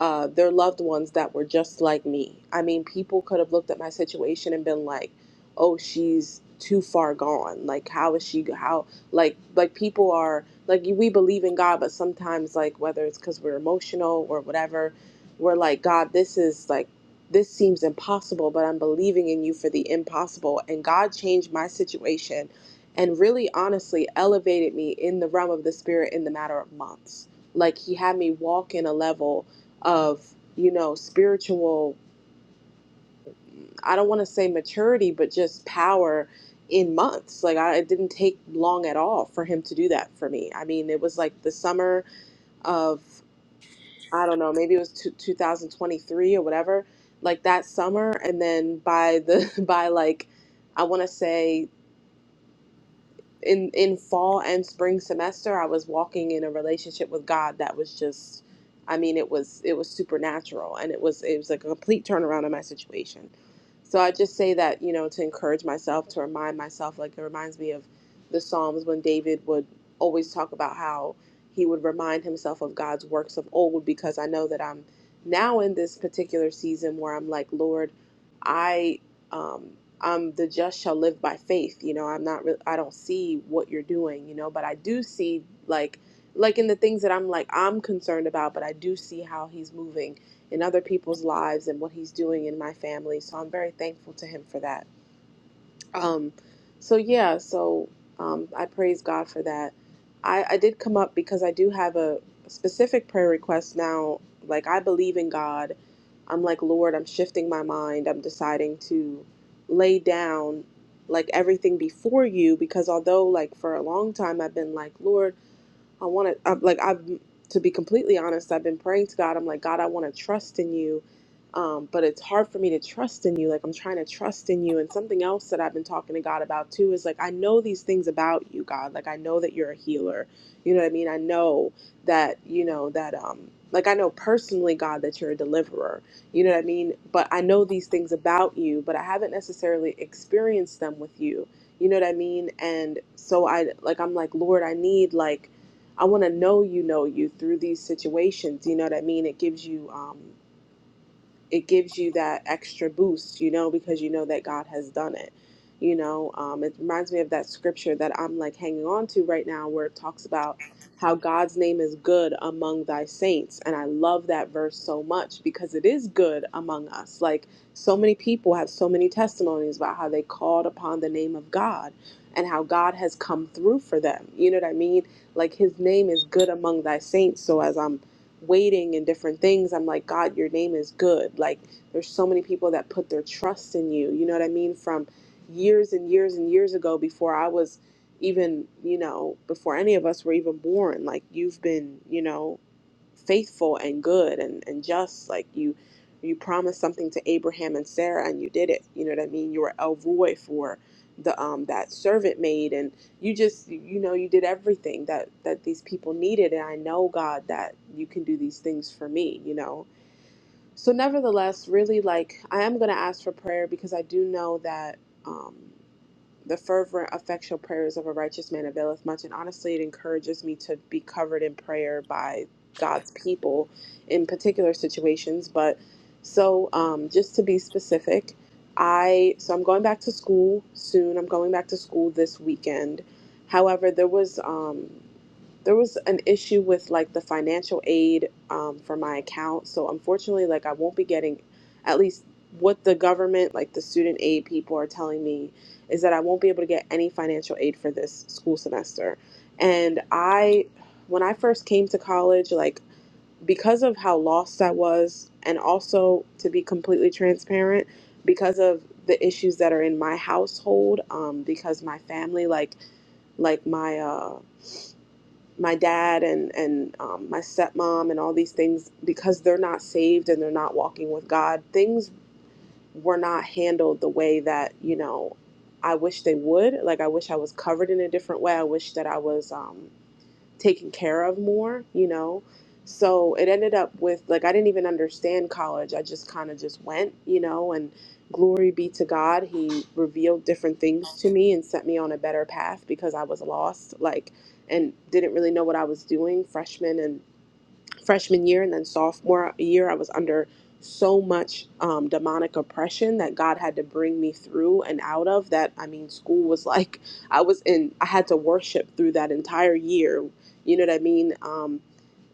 Speaker 4: uh, their loved ones that were just like me. I mean, people could have looked at my situation and been like, "Oh, she's too far gone. Like, how is she? How like like people are like we believe in God, but sometimes like whether it's because we're emotional or whatever, we're like, God, this is like this seems impossible, but I'm believing in you for the impossible. And God changed my situation, and really honestly elevated me in the realm of the spirit in the matter of months. Like He had me walk in a level of you know spiritual i don't want to say maturity but just power in months like i it didn't take long at all for him to do that for me i mean it was like the summer of i don't know maybe it was two, 2023 or whatever like that summer and then by the by like i want to say in in fall and spring semester i was walking in a relationship with god that was just i mean it was it was supernatural and it was it was like a complete turnaround in my situation so i just say that you know to encourage myself to remind myself like it reminds me of the psalms when david would always talk about how he would remind himself of god's works of old because i know that i'm now in this particular season where i'm like lord i um um, the just shall live by faith. You know, I'm not, re- I don't see what you're doing, you know, but I do see like, like in the things that I'm like, I'm concerned about, but I do see how he's moving in other people's lives and what he's doing in my family. So I'm very thankful to him for that. Um, so yeah, so um, I praise God for that. I, I did come up because I do have a specific prayer request now. Like I believe in God. I'm like Lord. I'm shifting my mind. I'm deciding to lay down like everything before you because although like for a long time I've been like Lord. I want to, I'm, like, I've, to be completely honest, I've been praying to God. I'm like, God, I want to trust in you. Um, but it's hard for me to trust in you. Like, I'm trying to trust in you. And something else that I've been talking to God about too is like, I know these things about you, God. Like, I know that you're a healer. You know what I mean? I know that, you know, that, um, like, I know personally, God, that you're a deliverer. You know what I mean? But I know these things about you, but I haven't necessarily experienced them with you. You know what I mean? And so I, like, I'm like, Lord, I need, like, I want to know you, know you through these situations. You know what I mean? It gives you um, it gives you that extra boost, you know, because you know that God has done it. You know, um, it reminds me of that scripture that I'm like hanging on to right now where it talks about how God's name is good among thy saints. And I love that verse so much because it is good among us. Like so many people have so many testimonies about how they called upon the name of God and how God has come through for them. You know what I mean? Like his name is good among thy saints. So as I'm waiting and different things, I'm like, God, your name is good. Like, there's so many people that put their trust in you. You know what I mean? From years and years and years ago, before I was even, you know, before any of us were even born, like, you've been, you know, faithful and good and, and just like you you promised something to abraham and sarah and you did it you know what i mean you were el Roy for the um that servant maid and you just you know you did everything that that these people needed and i know god that you can do these things for me you know so nevertheless really like i am going to ask for prayer because i do know that um the fervent, effectual prayers of a righteous man availeth much, and honestly, it encourages me to be covered in prayer by God's people in particular situations. But so, um, just to be specific, I so I'm going back to school soon. I'm going back to school this weekend. However, there was um, there was an issue with like the financial aid um, for my account so unfortunately like i won't be getting at least what the government like the student aid people are telling me is that i won't be able to get any financial aid for this school semester and i when i first came to college like because of how lost i was and also to be completely transparent because of the issues that are in my household um, because my family like like my uh my dad and and um, my stepmom and all these things because they're not saved and they're not walking with God. Things were not handled the way that you know I wish they would. Like I wish I was covered in a different way. I wish that I was. Um, taken care of more, you know. So it ended up with like I didn't even understand college. I just kind of just went, you know, and glory be to God, he revealed different things to me and set me on a better path because I was lost like and didn't really know what I was doing freshman and freshman year and then sophomore year, I was under so much um, demonic oppression that God had to bring me through and out of that. I mean, school was like, I was in, I had to worship through that entire year. You know what I mean? Um,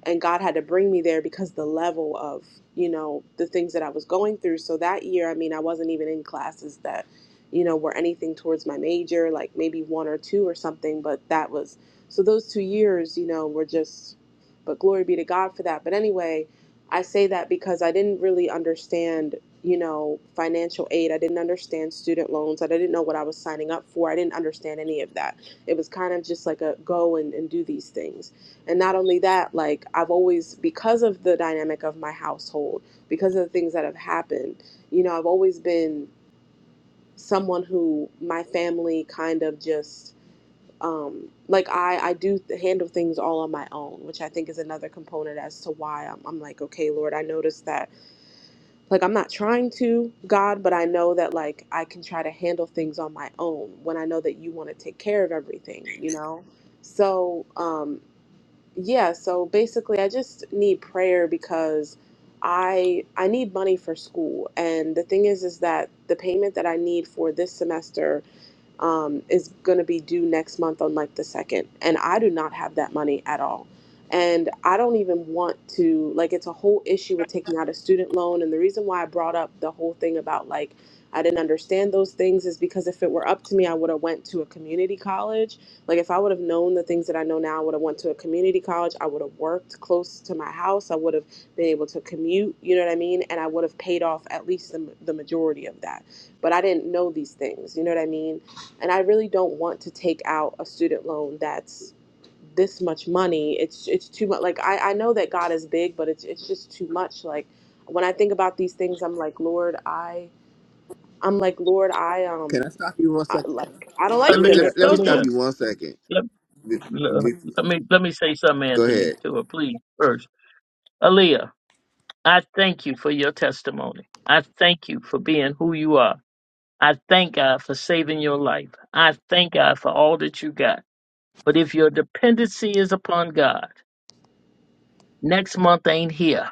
Speaker 4: and God had to bring me there because the level of you know the things that I was going through. So that year, I mean, I wasn't even in classes that you know were anything towards my major, like maybe one or two or something. But that was so those two years, you know, were just but glory be to God for that. But anyway, I say that because I didn't really understand, you know, financial aid. I didn't understand student loans. I didn't know what I was signing up for. I didn't understand any of that. It was kind of just like a go and, and do these things. And not only that, like I've always, because of the dynamic of my household, because of the things that have happened, you know, I've always been someone who my family kind of just um, like I, I do th- handle things all on my own, which I think is another component as to why I'm, I'm like, okay, Lord, I noticed that, like, I'm not trying to, God, but I know that, like, I can try to handle things on my own when I know that you want to take care of everything, you know? So, um, yeah, so basically, I just need prayer because I I need money for school, and the thing is, is that the payment that I need for this semester um, is going to be due next month on like the second. And I do not have that money at all. And I don't even want to, like, it's a whole issue with taking out a student loan. And the reason why I brought up the whole thing about like, I didn't understand those things is because if it were up to me, I would have went to a community college. Like if I would have known the things that I know now, I would have went to a community college. I would have worked close to my house. I would have been able to commute, you know what I mean? And I would have paid off at least the, the majority of that. But I didn't know these things, you know what I mean? and I really don't want to take out a student loan that's this much money. It's it's too much. Like I I know that God is big, but it's it's just too much. Like when I think about these things, I'm like, Lord, I I'm like, Lord, I
Speaker 1: can
Speaker 4: um
Speaker 1: i stop you one
Speaker 4: I,
Speaker 1: second
Speaker 4: like I don't
Speaker 1: let
Speaker 4: like
Speaker 1: me let
Speaker 3: Aaliyah,
Speaker 1: me,
Speaker 4: this.
Speaker 1: let me stop
Speaker 4: So
Speaker 3: Aaliyah,
Speaker 1: you one second
Speaker 3: let,
Speaker 1: Be-
Speaker 3: le-
Speaker 1: be-
Speaker 3: let me let me say something,
Speaker 1: go
Speaker 3: Anthony,
Speaker 1: ahead
Speaker 3: to her, please, first. Aaliyah, I thank you for your testimony. I thank you for being who you are. I thank God for saving your life. I thank God for all that you got. But if your dependency is upon God, next month ain't here,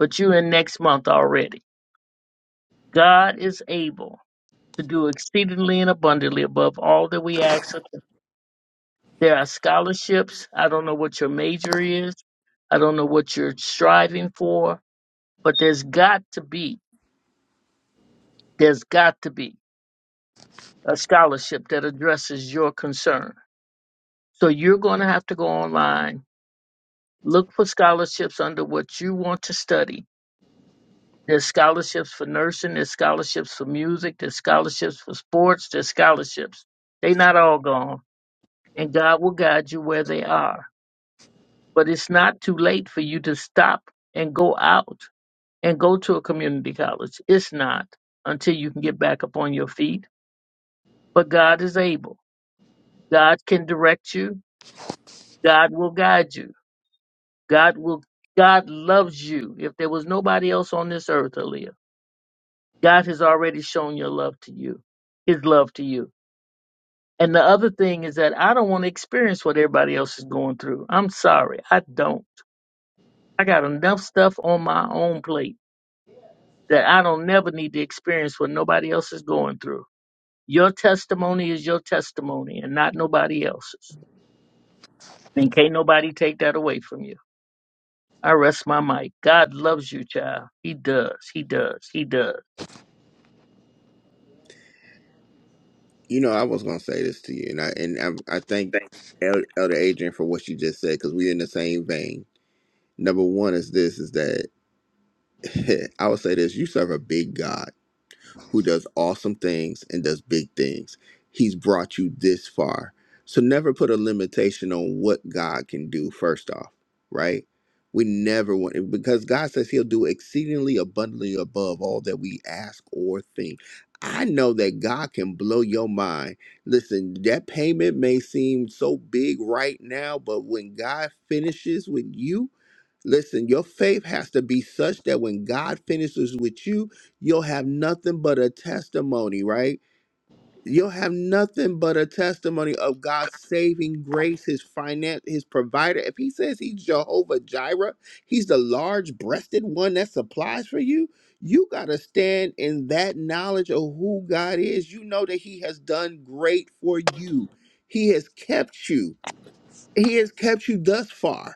Speaker 3: but you in next month already. God is able. to do exceedingly and abundantly above all that we ask. or think. There are scholarships. I don't know what your major is. I don't know what you're striving for, but there's got to be, there's got to be a scholarship that addresses your concern. So you're going to have to go online, look for scholarships under what you want to study. There's scholarships for nursing, there's scholarships for music, there's scholarships for sports, there's scholarships. They're not all gone, and God will guide you where they are but it's not too late for you to stop and go out and go to a community college. It's not until you can get back up on your feet. But God is able. God can direct you. God will guide you. God will God loves you. If there was nobody else on this earth, Aaliyah, God has already shown your love to you, his love to you. And the other thing is that I don't want to experience what everybody else is going through. I'm sorry. I don't. I got enough stuff on my own plate. that I don't never need to experience what nobody else is going through. Your testimony is your testimony and not nobody else's. And can't nobody take that away from you. I rest my mic. God loves you, child. He does. He does. He does.
Speaker 1: you know i was going to say this to you and i and i, I thank El- elder adrian for what you just said because we're in the same vein Number one is this is that I would say this you serve a big God who does awesome things and does big things. He's brought you this far. So never put a limitation on what God can do, first off, right? We never want because God says He'll do exceedingly abundantly above all that we ask or think. I know that God can blow your mind. Listen, that payment may seem so big right now, but when God finishes with you, Listen, your faith has to be such that when God finishes with you, you'll have nothing but a testimony, right? You'll have nothing but a testimony of God's saving grace, His finance, His provider. If He says He's Jehovah Jireh, He's the large breasted one that supplies for you, you got to stand in that knowledge of who God is. You know that He has done great for you, He has kept you, He has kept you thus far.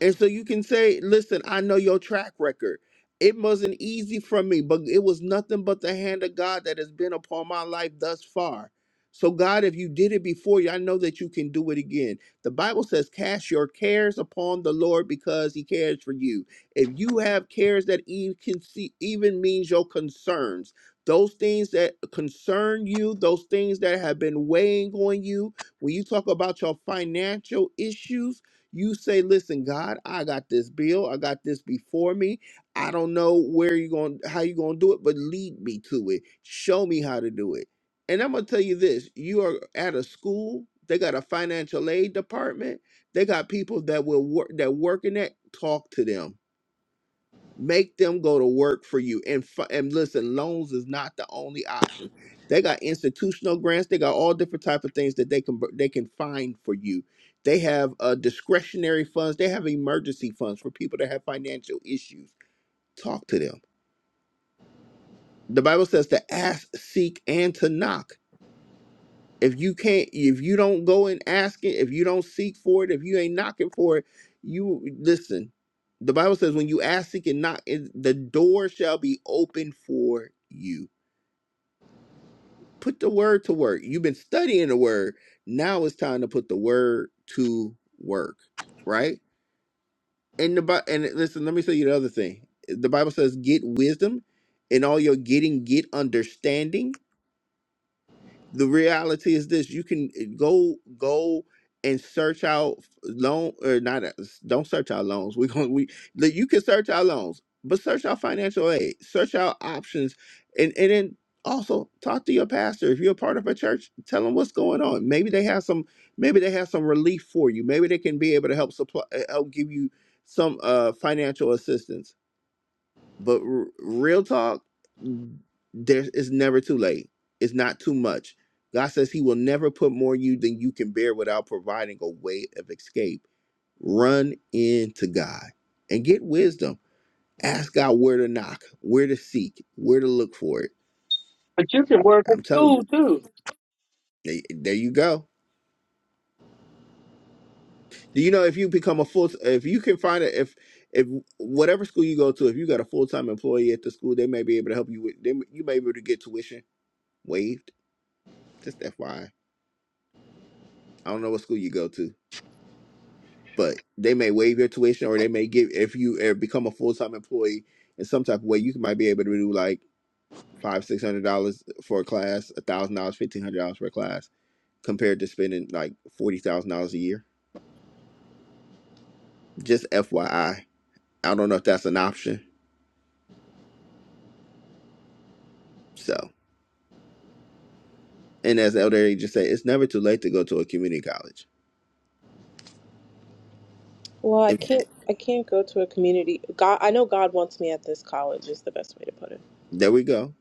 Speaker 1: And so you can say, listen, I know your track record. It wasn't easy for me, but it was nothing but the hand of God that has been upon my life thus far. So, God, if you did it before you, I know that you can do it again. The Bible says, Cast your cares upon the Lord because he cares for you. If you have cares that even, can see, even means your concerns, those things that concern you, those things that have been weighing on you, when you talk about your financial issues, you say, listen, God, I got this bill. I got this before me. I don't know where you going, how you going to do it, but lead me to it. Show me how to do it. And I'm going to tell you this, you are at a school, they got a financial aid department. They got people that will work, that work in that, talk to them Make them go to work for you. And fi- and listen, loans is not the only option. They got institutional grants. They got all different type of things that they can br- they can find for you. They have uh, discretionary funds. They have emergency funds for people that have financial issues. Talk to them. The Bible says to ask, seek, and to knock. If you can't, if you don't go and ask it, if you don't seek for it, if you ain't knocking for it, you listen. The Bible says, when you ask, seek, and knock, it- the door shall be open for you. Put the word to work. You've been studying the word. Now it's time to put the word to work, right? And the Bi- and listen, let me tell you the other thing. The Bible says, get wisdom, and all your getting, get understanding the reality is this you can uh, go go and search out loan or not uh, don't search out loans we're going we like, you can search out loans but search out financial aid search out options and and then also talk to your pastor if you're a part of a church tell them what's going on maybe they have some maybe they have some relief for you maybe they can be able to help supply uh, help give you some uh financial assistance but r- real talk, there it's never too late. It's not too much. God says He will never put more you than you can bear without providing a way of escape. Run into God and get wisdom. Ask God where to knock, where to seek, where to look for it.
Speaker 3: But you can work
Speaker 1: I'm
Speaker 3: at
Speaker 1: telling
Speaker 3: school
Speaker 1: you,
Speaker 3: too.
Speaker 1: there there you go. Do you know if you become a full, if you can find it, if if whatever school you go to, if you got a full time employee at the school, they may be able to help you with. They, you may be able to get tuition waived. Just FYI I don't know what school you go to, but they may waive your tuition or they may give if you uh, become a full time employee in some type of way, you might be able to do like five, six hundred dollars for a class, a thousand dollars, fifteen hundred dollars for a class, compared to spending like forty thousand dollars a year. Just FYI. I I don't know if that's an option. So and as Elder Ed just said, it's never too late to go to a community college.
Speaker 4: well, I
Speaker 1: If,
Speaker 4: can't I can't go to a community. God, I know God wants me at this college. Is the best way to put it.
Speaker 1: there we go.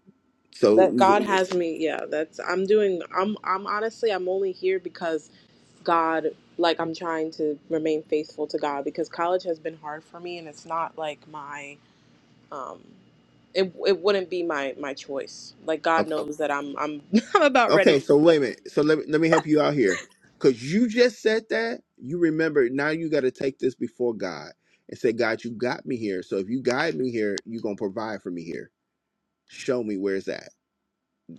Speaker 1: So
Speaker 4: That God
Speaker 1: okay.
Speaker 4: has me. Yeah, that's I'm doing. I'm I'm honestly I'm only here because. God, like I'm trying to remain faithful to God because college has been hard for me and it's not like my um it it wouldn't be my my choice. Like God knows that I'm I'm I'm about ready to
Speaker 1: Okay, so
Speaker 4: be done.
Speaker 1: wait a minute. So let me let me help you out here. Cause you just said that. You remember now you gotta take this before God and say, God, you got me here. So if you guide me here, you're gonna provide for me here. Show me where's that.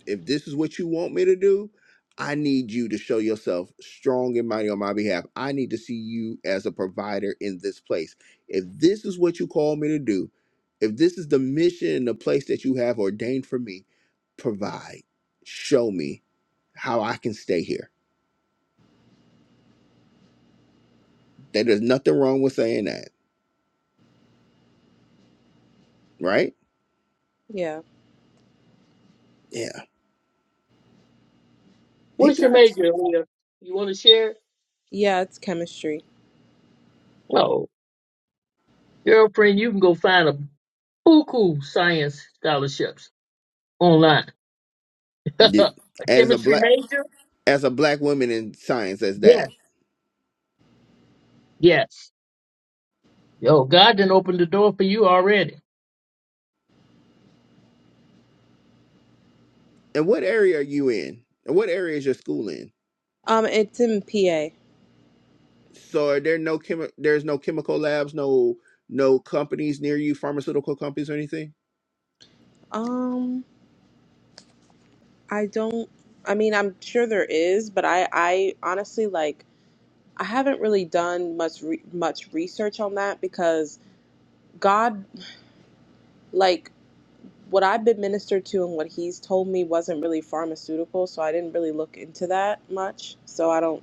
Speaker 1: If this is what you want me to do, I need you to show yourself strong and mighty on my behalf. I need to see you as a provider in this place. If this is what you call me to do, if this is the mission and the place that you have ordained for me, provide. Show me how I can stay here. That there's nothing wrong with saying that, right?
Speaker 4: Yeah.
Speaker 1: Yeah, he
Speaker 3: What's your
Speaker 1: got
Speaker 3: major? Leah? You want to share? it?
Speaker 4: Yeah, it's chemistry.
Speaker 3: No. Girlfriend, you can go find a buku science scholarships online.
Speaker 1: you. Yeah.
Speaker 3: a
Speaker 1: as a
Speaker 3: chemistry
Speaker 1: black
Speaker 3: major?
Speaker 1: as a black woman in science as that.
Speaker 3: Yes. Yes. Yo, God didn't open the door for you already.
Speaker 1: And what area are you in? And what area is your school in?
Speaker 4: Um it's in PA.
Speaker 1: So are there no chemi- there's no chemical labs, no no companies near you, pharmaceutical companies or anything?
Speaker 4: Um I don't I mean, I'm sure there is, but I I honestly like I haven't really done much re- much research on that because God like what I've been ministered to and what he's told me wasn't really pharmaceutical, so I didn't really look into that much. So I don't,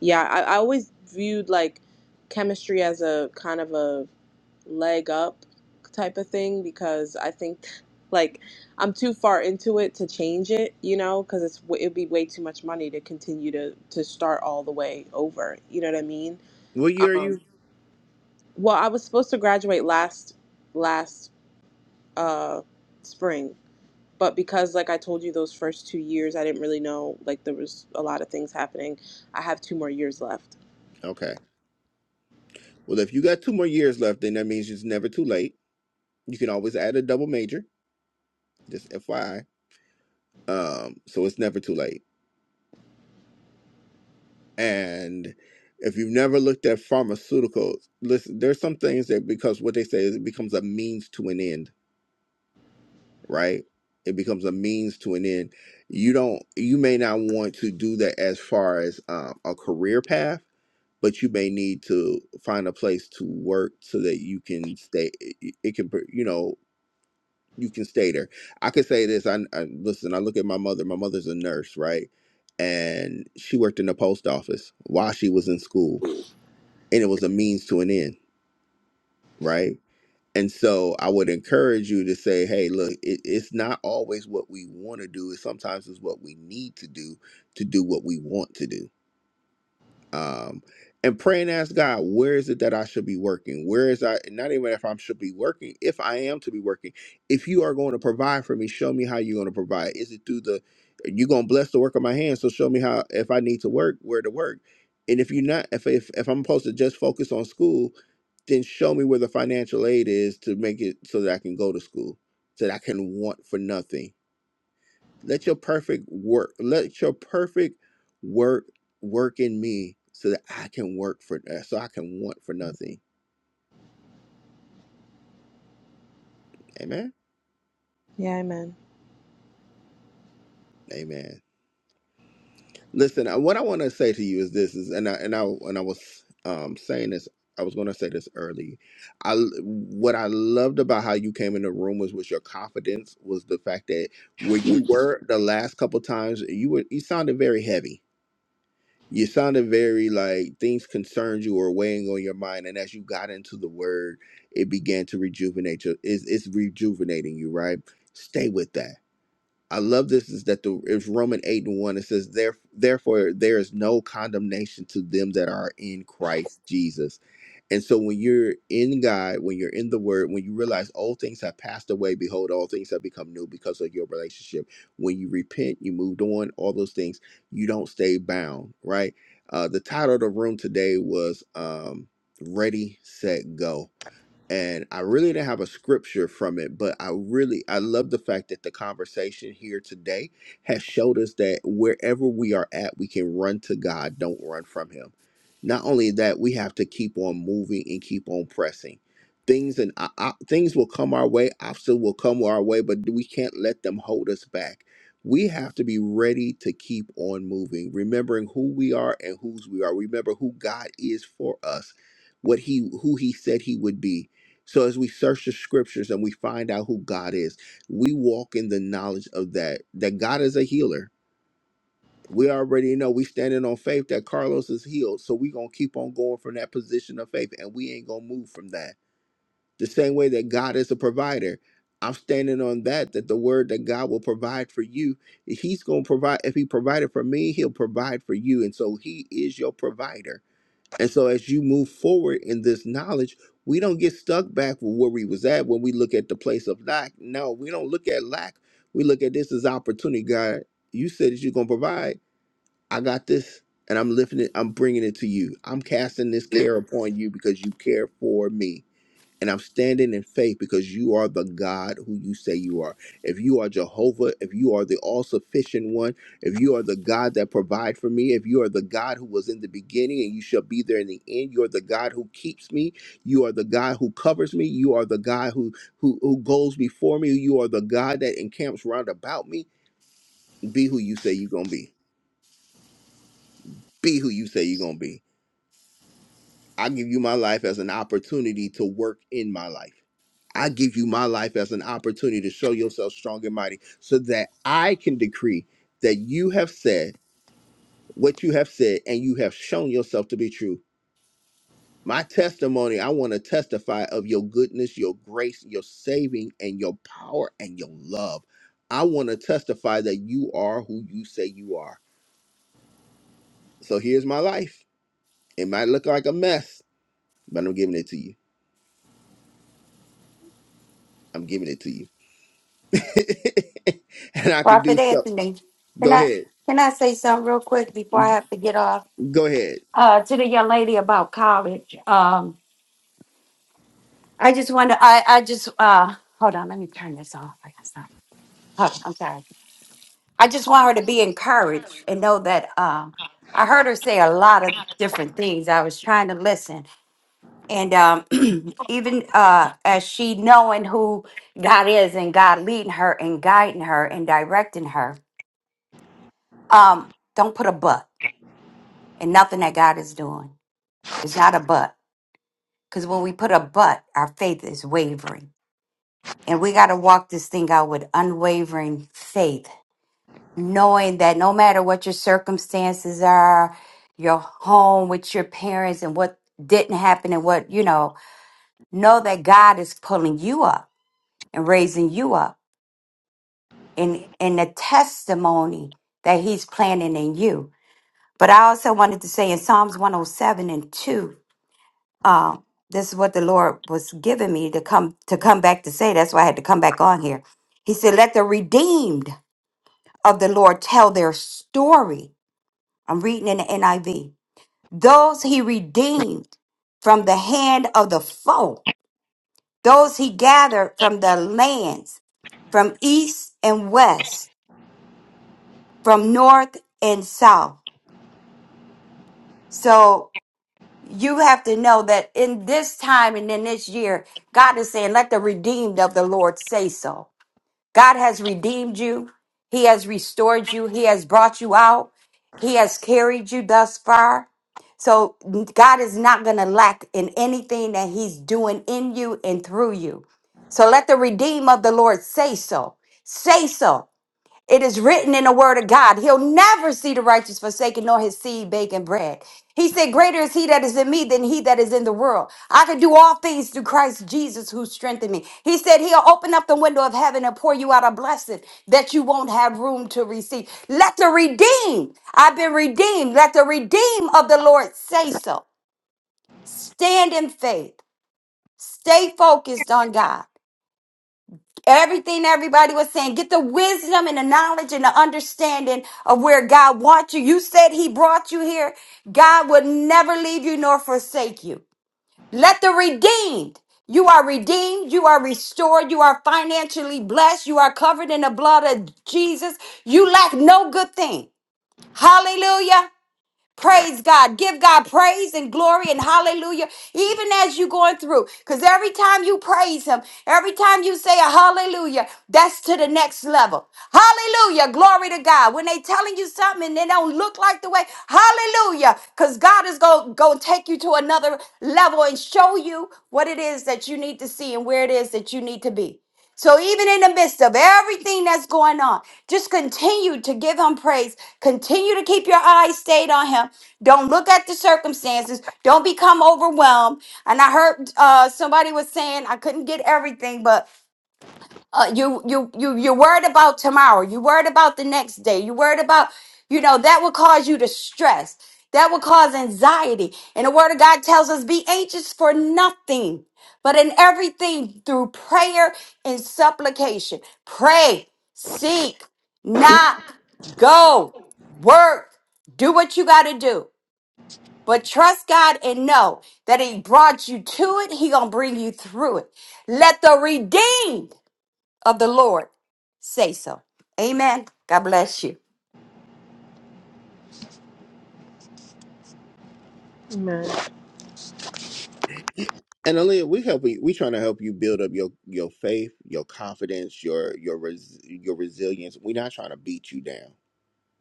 Speaker 4: yeah, I, I always viewed like chemistry as a kind of a leg up type of thing because I think like I'm too far into it to change it, you know, because it's it'd be way too much money to continue to to start all the way over. You know what I mean?
Speaker 1: What year are
Speaker 4: Um,
Speaker 1: you?
Speaker 4: well, I was supposed to graduate last last uh spring but because like i told you those first two years i didn't really know like there was a lot of things happening i have two more years left
Speaker 1: Okay. Well, if you got two more years left, then that means it's never too late. You can always add a double major, just FYI. Um, so it's never too late. And if you've never looked at pharmaceuticals, listen, there's some things that because what they say is it becomes a means to an end, right? It becomes a means to an end. You don't, you may not want to do that as far as um, a career path, but you may need to find a place to work so that you can stay. It it can, you know, you can stay there. I could say this. I, I listen. I look at my mother. My mother's a nurse, right? And she worked in the post office while she was in school and it was a means to an end, right? And so I would encourage you to say, hey, look, it, it's not always what we want to do. It sometimes is what we need to do to do what we want to do um and pray and ask god where is it that i should be working where is i not even if i should be working if i am to be working if you are going to provide for me show me how you're going to provide is it through the you're going to bless the work of my hands so show me how if i need to work where to work and if you're not if if, if i'm supposed to just focus on school then show me where the financial aid is to make it so that i can go to school so that i can want for nothing let your perfect work, let your perfect work work in me so that I can work for uh, so I can want for nothing. Amen.
Speaker 4: yeah amen
Speaker 1: Amen. Listen, I- what I want to say to you is this is and I and I and I was um saying this I was going to say this early. I what I loved about how you came in the room was with your confidence was the fact that where you were the last couple times you were you sounded very heavy you sounded very like things concerned you or weighing on your mind and as you got into the word it began to rejuvenate you it's, it's rejuvenating you right stay with that i love this is that the it's roman 8 and 1 it says there therefore there is no condemnation to them that are in christ jesus and so when you're in God, when you're in the word, when you realize all things have passed away, behold, all things have become new because of your relationship. When you repent, you moved on, all those things, you don't stay bound, right? Uh, the title of the room today was um, Ready, Set, Go and I really didn't have a scripture from it, but I really I love the fact that the conversation here today has showed us that wherever we are at, we can run to God, don't run from him. Not only that, we have to keep on moving and keep on pressing. Things and o- o- things will come our way, obstacles will come our way, but we can't let them hold us back. We have to be ready to keep on moving, remembering who we are and whose we are. Remember who God is for us, what he who he said he would be so as we search the scriptures and we find out who God is, we walk in the knowledge of that that God is a healer. We already know we standing on faith that Carlos is healed. So we going to keep on going from that position of faith and we ain't going to move from that. The same way that God is a provider. I'm standing on that that the word that God will provide for you, he's going to provide if he provided for me, he'll provide for you and so he is your provider and so as you move forward in this knowledge, we don't get stuck back with where we was at when we look at the place of lack. No, we don't look at lack. We look at this as opportunity. God, you said that you're going to provide. I got this and I'm lifting it. I'm bringing it to you. I'm casting this care upon you because you care for me. And I'm standing in faith because you are the God who you say you are. If you are Jehovah, if you are the all sufficient one, if you are the God that provide for me, if you are the God who was in the beginning and you shall be there in the end, you are the God who keeps me, you are the God who covers me, you are the God who who, who goes before me, you are the God that encamps round about me. Be who you say you're gonna be. Be who you say you're gonna be I give you my life as an opportunity to work in my life. I give you my life as an opportunity to show yourself strong and mighty so that I can decree that you have said what you have said and you have shown yourself to be true. My testimony, I want to testify of your goodness, your grace, your saving, and your power and your love. I want to testify that you are who you say you are. So here's my life. It might look like a mess, but I'm giving it to you. I'm giving it to you. and I can do
Speaker 2: Prophet
Speaker 1: so.
Speaker 2: Anthony, can
Speaker 1: Go
Speaker 2: I
Speaker 1: ahead.
Speaker 2: can I say something real quick before I have to get off?
Speaker 1: Go ahead.
Speaker 2: Uh, to the young lady about college. Um, I just want to, I, I just, uh, hold on, let me turn this off. I got some, hold on, I'm sorry. I just want her to be encouraged and know that, um, I heard her say a lot of different things. I was trying to listen. And, um, even, uh, as she knowing who God is and God leading her and guiding her and directing her, um, don't put a but in nothing that God is doing. It's not a but. Because when we put a but, our faith is wavering And we got to walk this thing out with unwavering faith, knowing that no matter what your circumstances are, your home with your parents and what didn't happen and what, you know, know that God is pulling you up and raising you up in in the testimony that he's planning in you. But I also wanted to say in Psalms 107 and 2, um, this is what the Lord was giving me to come to come back to say. That's why I had to come back on here. He said, Let the redeemed of the Lord tell their story. I'm reading in the NIV. Those he redeemed from the hand of the foe, those he gathered from the lands, from east and west, from north and south. So you have to know that in this time and in this year, God is saying, let the redeemed of the Lord say so. God has redeemed you. He has restored you. He has brought you out. He has carried you thus far. So God is not going to lack in anything that he's doing in you and through you. So let the redeem of the Lord say so. Say so. It is written in the word of God. He'll never see the righteous forsaken nor his seed baking bread. He said, Greater is he that is in me than he that is in the world. I can do all things through Christ Jesus who strengthened me. He said, He'll open up the window of heaven and pour you out a blessing that you won't have room to receive. Let the redeemed, I've been redeemed. Let the redeemed of the Lord say so. Stand in faith. Stay focused on God. Everything everybody was saying, get the wisdom and the knowledge and the understanding of where God wants you. You said He brought you here. God will never leave you nor forsake you. Let the redeemed, you are redeemed, you are restored, you are financially blessed, you are covered in the blood of Jesus. You lack no good thing. Hallelujah. Praise God. Give God praise and glory and hallelujah, even as you're going through. Because every time you praise Him, every time you say a hallelujah, that's to the next level. Hallelujah. Glory to God. When they telling you something and they don't look like the way, hallelujah. Because God is going to take you to another level and show you what it is that you need to see and where it is that you need to be. So even in the midst of everything that's going on, just continue to give him praise. Continue to keep your eyes stayed on him. Don't look at the circumstances. Don't become overwhelmed. And I heard uh, somebody was saying I couldn't get everything, but uh, you you you you're worried about tomorrow you're worried about the next day you're worried about you know that will cause you to stress that will cause anxiety and the word of god tells us be anxious for nothing but in everything through prayer and supplication pray seek knock go work do what you got to do but trust god and know that he brought you to it he gonna bring you through it let the redeemed of the Lord say so. Amen. God bless you.
Speaker 4: Amen.
Speaker 1: And Aaliyah, we help you. We trying to help you build up your your faith, your confidence, your your res, your resilience. We're not trying to beat you down.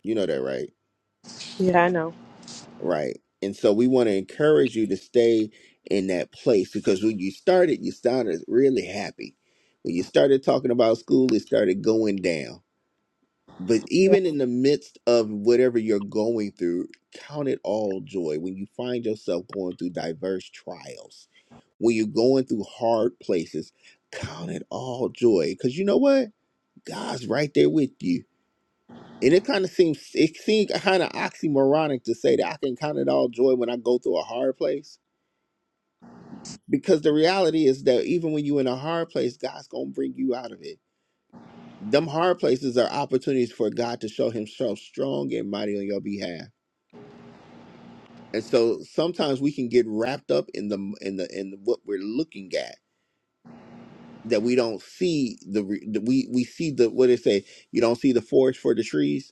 Speaker 1: You know that, right?
Speaker 4: Yeah, I know.
Speaker 1: Right. And so we want to encourage you to stay in that place because when you started, you started really happy. When you started talking about school, it started going down But
Speaker 4: Yeah.
Speaker 1: even in the midst of whatever you're going through, count it all joy when you find yourself going through diverse trials, when you're going through hard places, count it all joy. Because you know what? God's right there with you. And it kind of seems it seems kind of oxymoronic to say that I can count it all joy when I go through a hard place. Because the reality is that even when you're in a hard place, God's gonna bring you out of it. Them hard places are opportunities for God to show himself strong and mighty on your behalf And so sometimes we can get wrapped up in the in the in what we're looking at that we don't see the, re- the we we see the what they say you don't see the forest for the trees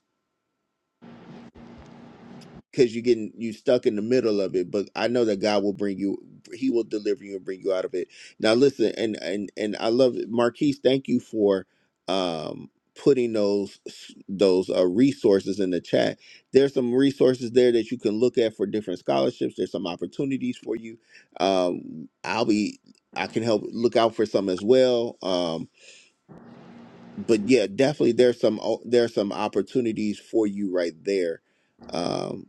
Speaker 1: because you're getting you stuck in the middle of it. But I know that God will bring you, He will deliver you and bring you out of it. Now listen, and and and I love it. Marquise. Thank you for um putting those those uh, resources in the chat. There's some resources there that you can look at for different scholarships. There's some opportunities for you. Um, I'll be I can help look out for some as well. Um, but yeah, definitely there's some o- there's some opportunities for you right there. Um,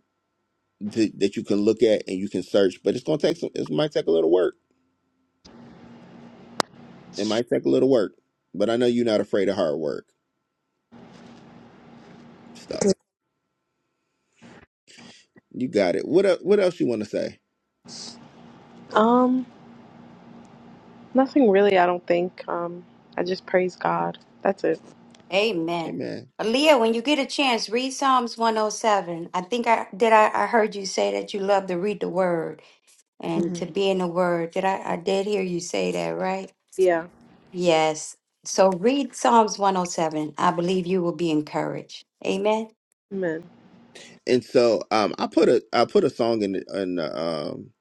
Speaker 1: that that you can look at and you can search. But it's gonna take some. It might take a little work. It might take a little work. But I know you're not afraid of hard work. So you got it. What el- what else you want to say?
Speaker 4: Um, nothing really. I don't think. Um, I just praise God. That's it.
Speaker 2: Amen.
Speaker 1: Amen.
Speaker 2: Aaliyah, when you get a chance, read Psalms 107. I think I did. I, I heard you say that you love to read the word and to
Speaker 4: hmm
Speaker 2: be in the word. Did I? I did hear you say that, right?
Speaker 4: Yeah.
Speaker 2: Yes. So read Psalms 107. I believe you will be encouraged. Amen.
Speaker 4: Amen.
Speaker 1: And so um, I put a I put a song in the- in the, um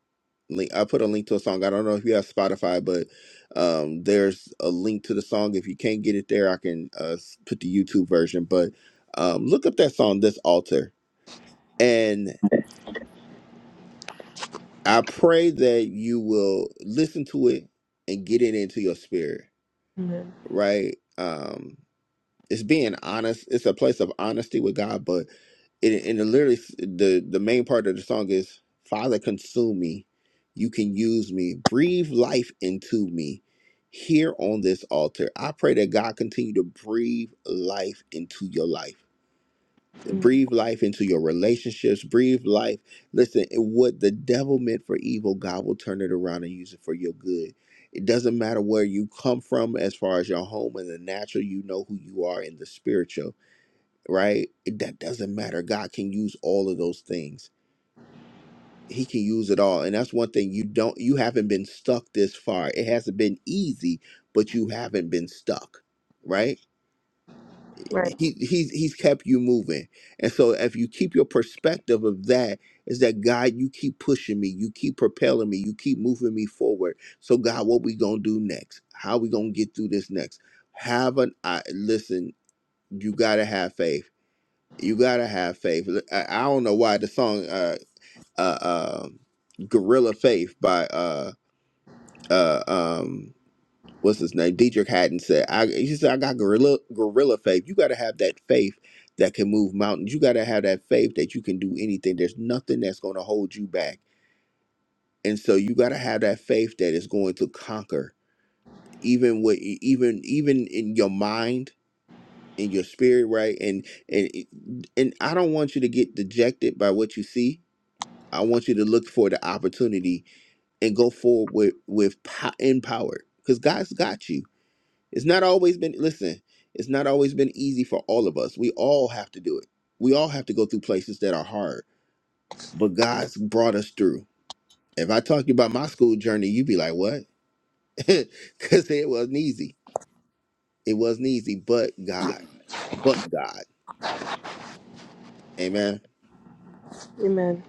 Speaker 1: link. I put a link to a song. I don't know if you have Spotify, but um, there's a link to the song. If you can't get it there, I can uh s- put the YouTube version. But um, look up that song, this altar, and. I pray that you will listen to it and get it into your spirit,
Speaker 4: Amen.
Speaker 1: right? Um, it's being honest. It's a place of honesty with God, but it, and it literally the the main part of the song is Father, consume me. You can use me. Breathe life into me here on this altar. I pray that God continue to breathe life into your life
Speaker 4: Amen.
Speaker 1: breathe life into your relationships breathe life listen it- what the devil meant for evil god will turn it around and use it for your good it doesn't matter where you come from as far as your home and the natural you know who you are in the spiritual right It- that doesn't matter god can use all of those things he can use it all and that's one thing you don't you haven't been stuck this far it hasn't been easy but you haven't been stuck right
Speaker 4: Right.
Speaker 1: he he's he's kept you moving and so if you keep your perspective of that is that god you keep pushing me you keep propelling me you keep moving me forward so god what we gonna do next how we gonna get through this next have an i listen you gotta have faith you gotta have faith L- i, I don't know why the song uh uh um gorilla faith by uh uh um what's his name, Dietrich Haddon said, I, he said, I got gorilla, gorilla faith. You got to have that faith that can move mountains. You got to have that faith that you can do anything. There's nothing that's going to hold you back. And so you got to have that faith that is going to conquer even with even, even in your mind, in your spirit, right? And, and, e, and I don't want you to get dejected by what you see. I want you to look for the opportunity and go forward with, with po- empowered because God's got you It's not always been, listen, it's not always been easy for all of us. We all have to do it. We all have to go through places that are hard, but God's brought us through. If I talk to you about my school journey, you'd be like, what? Because it wasn't easy. It wasn't easy, but God, but God. Amen.
Speaker 4: Amen.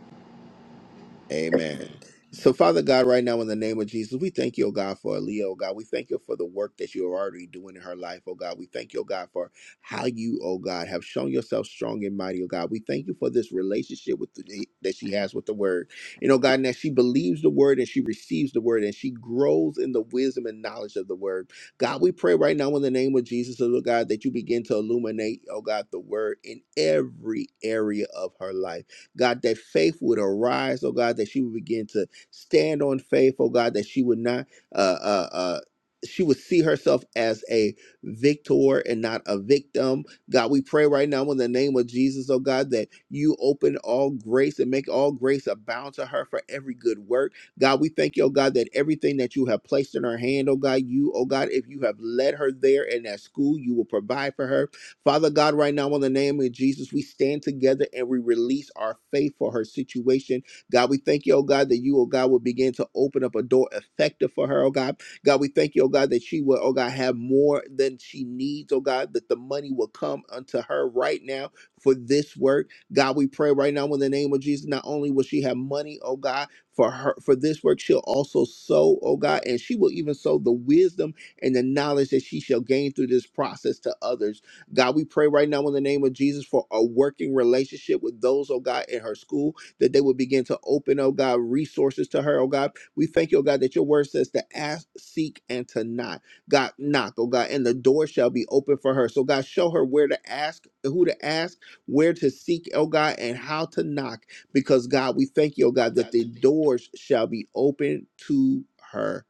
Speaker 1: Amen. So, Father God, right now in the name of Jesus, we thank you, oh God, for Aaliyah, oh God. We thank you for the work that you are already doing in her life, oh God. We thank you, oh God, for how you, oh God, have shown yourself strong and mighty, oh God. We thank you for this relationship with the, that she has with the Word, you know, God, and that she believes the Word and she receives the Word and she grows in the wisdom and knowledge of the Word. God, we pray right now in the name of Jesus, oh God, that you begin to illuminate, oh God, the Word in every area of her life. God, that faith would arise, oh God, that she would begin to stand on faith, oh God, that she would not, uh, uh, uh, she would see herself as a victor and not a victim. God, we pray right now in the name of Jesus, oh God, that you open all grace and make all grace abound to her for every good work. God, we thank you, oh God, that everything that you have placed in her hand, oh God, you, oh God, if you have led her there in that school, you will provide for her. Father God, right now, in the name of Jesus, we stand together and we release our faith for her situation. God, we thank you, oh God, that you, oh God, will begin to open up a door effective for her, oh God. God, we thank you, oh God, that she will, oh God, have more than she needs, oh God, that the money will come unto her right now for this work. God, we pray right now in the name of Jesus, not only will she have money, oh God, for her for this work, she'll also sow, oh God, and she will even sow the wisdom and the knowledge that she shall gain through this process to others. God, we pray right now in the name of Jesus for a working relationship with those, oh God, in her school, that they would begin to open, oh God, resources to her, oh God. We thank you, oh God, that your word says to ask, seek, and to not. God, knock, oh God, and the door shall be open for her. So, God, show her where to ask, who to ask, where to seek, oh God, and how to knock, because, God, we thank you, oh God, that the doors shall be open to her.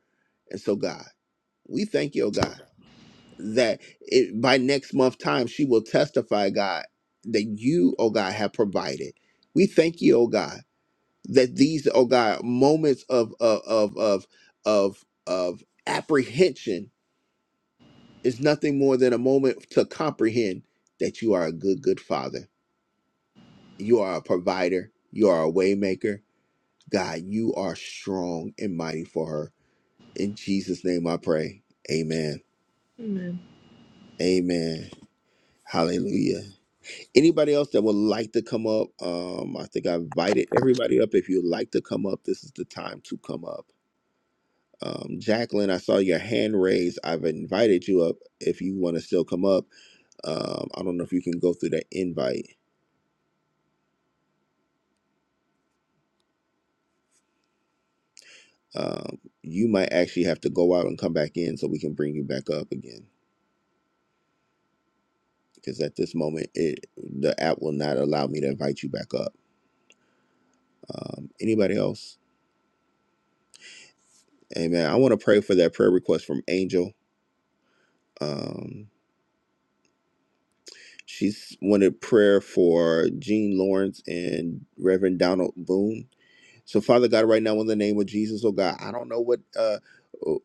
Speaker 1: And so, God, we thank you, oh God that it, by next month time she will testify god that you oh god have provided we thank you oh god that these oh god moments of of of of of, of apprehension is nothing more than a moment to comprehend that you are a good good father you are a provider you are a waymaker god you are strong and mighty for her in jesus name i pray amen
Speaker 4: Amen.
Speaker 1: amen hallelujah Anybody else that would like to come up? Um, I think I invited everybody up. If you'd like to come up, this is the time to come up. Um, Jacqueline, I saw your hand raised. I've invited you up. If you want to still come up, um, I don't know if you can go through that invite. Um, you might actually have to go out and come back in so we can bring you back up again. Because at this moment, it the app will not allow me to invite you back up. Um, anybody else? Amen. I want to pray for that prayer request from Angel. Um, She's wanted prayer for Gene Lawrence and Reverend Donald Boone. So, Father God, right now in the name of Jesus, oh God, I don't know what uh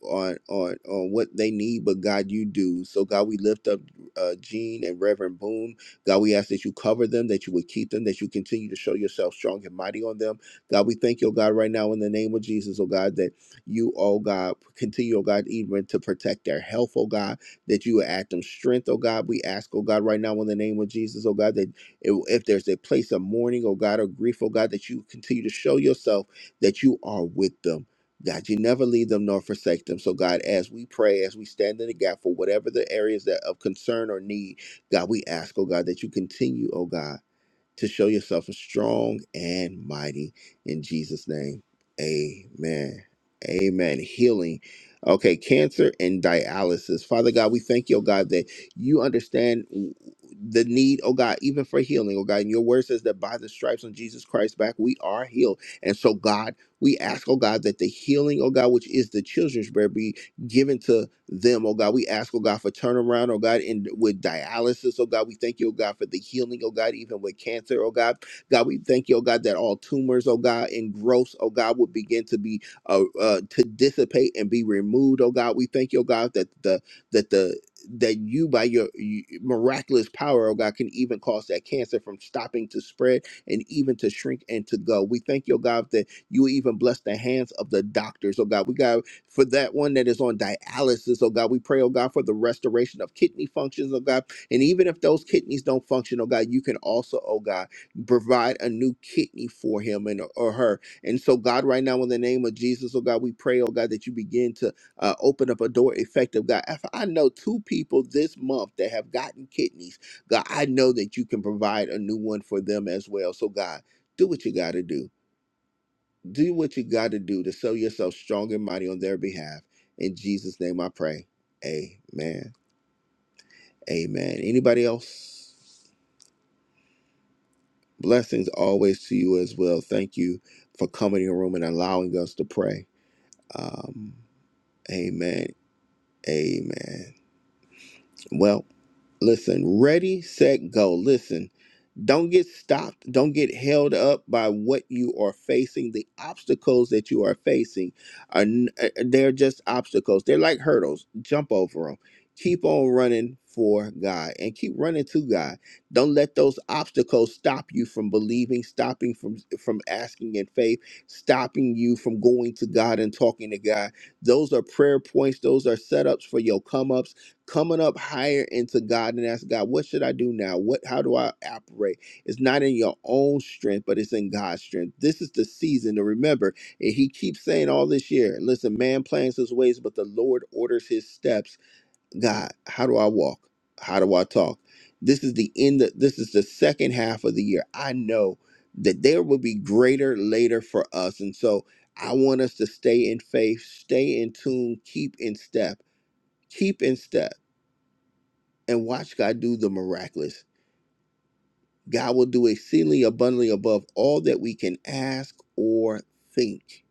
Speaker 1: on on on what they need, but God, you do. So, God, we lift up uh Gene and Reverend Boone. God, we ask that you cover them, that you would keep them, that you continue to show yourself strong and mighty on them. God, we thank you, oh God, right now in the name of Jesus, oh God, that you, oh God, continue, oh God, even to protect their health, oh God, that you would add them strength, oh God. We ask, oh God, right now in the name of Jesus, oh God, that if if there's a place of mourning, oh God, or grief, oh God, that you continue to show yourself that you are with them. God, you never leave them nor forsake them. So, God, as we pray, as we stand in the gap for whatever the areas that of concern or need, God, we ask, oh God, that you continue, oh God to show yourself as strong and mighty in Jesus' name. Amen. Amen. Healing. Okay, cancer and dialysis. Father God, we thank you, oh God, that you understand the need, oh God, even for healing, oh God. And your word says that by the stripes on Jesus Christ's back, we are healed. And so, God, we ask, oh God, that the healing, oh God, which is the children's bread, given to them, oh God. We ask, oh God, for turnaround, oh God, and with dialysis, oh God. We thank you, oh God, for the healing, oh God, even with cancer, oh God. God, we thank you, oh God, that all tumors, oh God, and growths, oh God, would begin to be uh, uh to dissipate and be removed, oh God. We thank you, oh God, that the that the that you by your y- miraculous power, oh God, can even cause that cancer from stopping to spread and even to shrink and to go. We thank you, oh God, that you even bless the hands of the doctors, oh God. We got for that one that is on dialysis, oh God. We pray, oh God, for the restoration of kidney functions, oh God. And even if those kidneys don't function, oh God, you can also, oh God, provide a new kidney for him and or her. And so, God, right now, in the name of Jesus, oh God, we pray, oh God, that you begin to uh, open up a door effective, God. If I know two people this month that have gotten kidneys, God, I know that you can provide a new one for them as well. So, God, do what you got to do do what you got to do to show yourself strong and mighty on their behalf. In Jesus' name I pray. Amen. Amen. Anybody else? Blessings always to you as well. Thank you for coming in the room and allowing us to pray. Um, amen. Amen. Well, listen, ready, set, go. Listen. Don't get stopped. Don't get held up by what you are facing. The obstacles that you are facing are n- uh, they're just obstacles. They're like hurdles. Jump over them. Keep on running for God and keep running to God. Don't let those obstacles stop you from believing, stopping from from asking in faith, stopping you from going to God and talking to God. Those are prayer points. Those are setups for your come ups coming up higher into God and ask God, what should I do now? What how do I operate? It's not in your own strength, but it's in God's strength. This is the season to remember. And he keeps saying all this year, listen, man plans his ways, but the Lord orders his steps. God, how do I walk? How do I talk? This is the end of, this is the second half of the year. I know that there will be greater later for us. And so I want us to stay in faith, stay in tune, keep in step keep in step and watch God do the miraculous. God will do exceedingly abundantly above all that we can ask or think.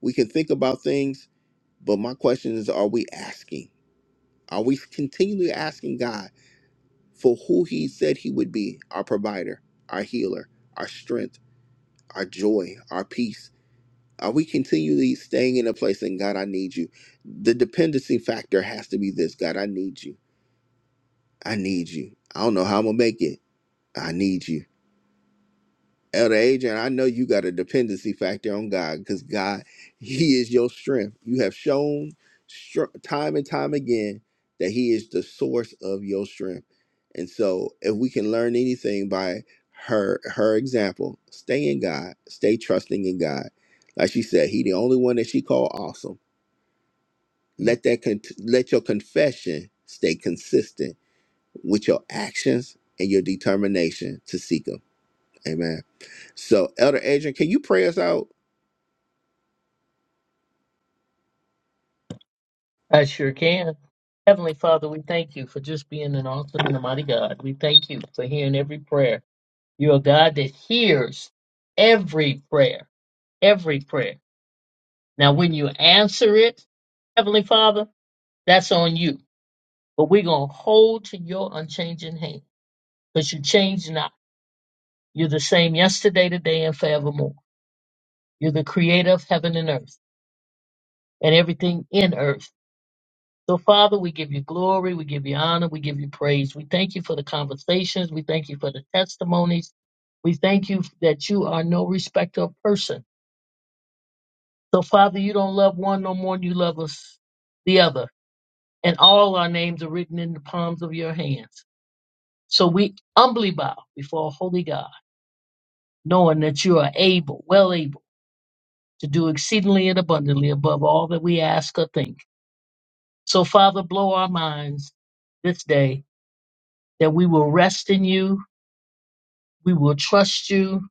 Speaker 1: We can think about things, but my question is are we asking? Are we continually asking God for who He said He would be our provider, our healer, our strength, our joy, our peace? Are we continually staying in a place and God, I need you? The dependency factor has to be this God, I need you. I need you. I don't know how I'm going to make it. I need you. Elder Adrian, I know you got a dependency factor on God because God, He is your strength. You have shown str- time and time again that He is the source of your strength. And so, if we can learn anything by her her example, stay in God, stay trusting in God. Like she said, He the only one that she called awesome. Let that con- let your confession stay consistent with your actions and your determination to seek Him. Amen. So, Elder Adrian, can you pray us out?
Speaker 3: I sure can. Heavenly Father, we thank you for just being an awesome and a mighty God. We thank you for hearing every prayer. You're a God that hears every prayer, every prayer. Now, when you answer it, Heavenly Father, that's on you. But we're going to hold to your unchanging hand because you change not. You're the same yesterday, today, and forevermore. You're the creator of heaven and earth and everything in earth. So, Father, we give you glory, we give you honor, we give you praise. We thank you for the conversations, we thank you for the testimonies, we thank you that you are no respecter of person. So, Father, you don't love one no more than you love us the other, and all our names are written in the palms of your hands. So we humbly bow before a holy God, knowing that you are able, well able, to do exceedingly and abundantly above all that we ask or think. So, Father, blow our minds this day that we will rest in you We will trust you.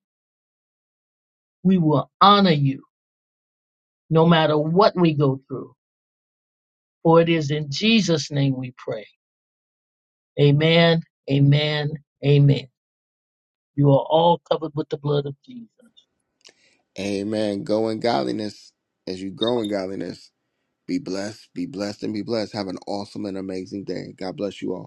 Speaker 3: We will honor you no matter what we go through. For it is in Jesus' name we pray. Amen, amen, amen. You are all covered with the blood of Jesus.
Speaker 1: Amen. Go in godliness as you grow in godliness. Be blessed, be blessed, and be blessed. Have an awesome and amazing day. God bless you all.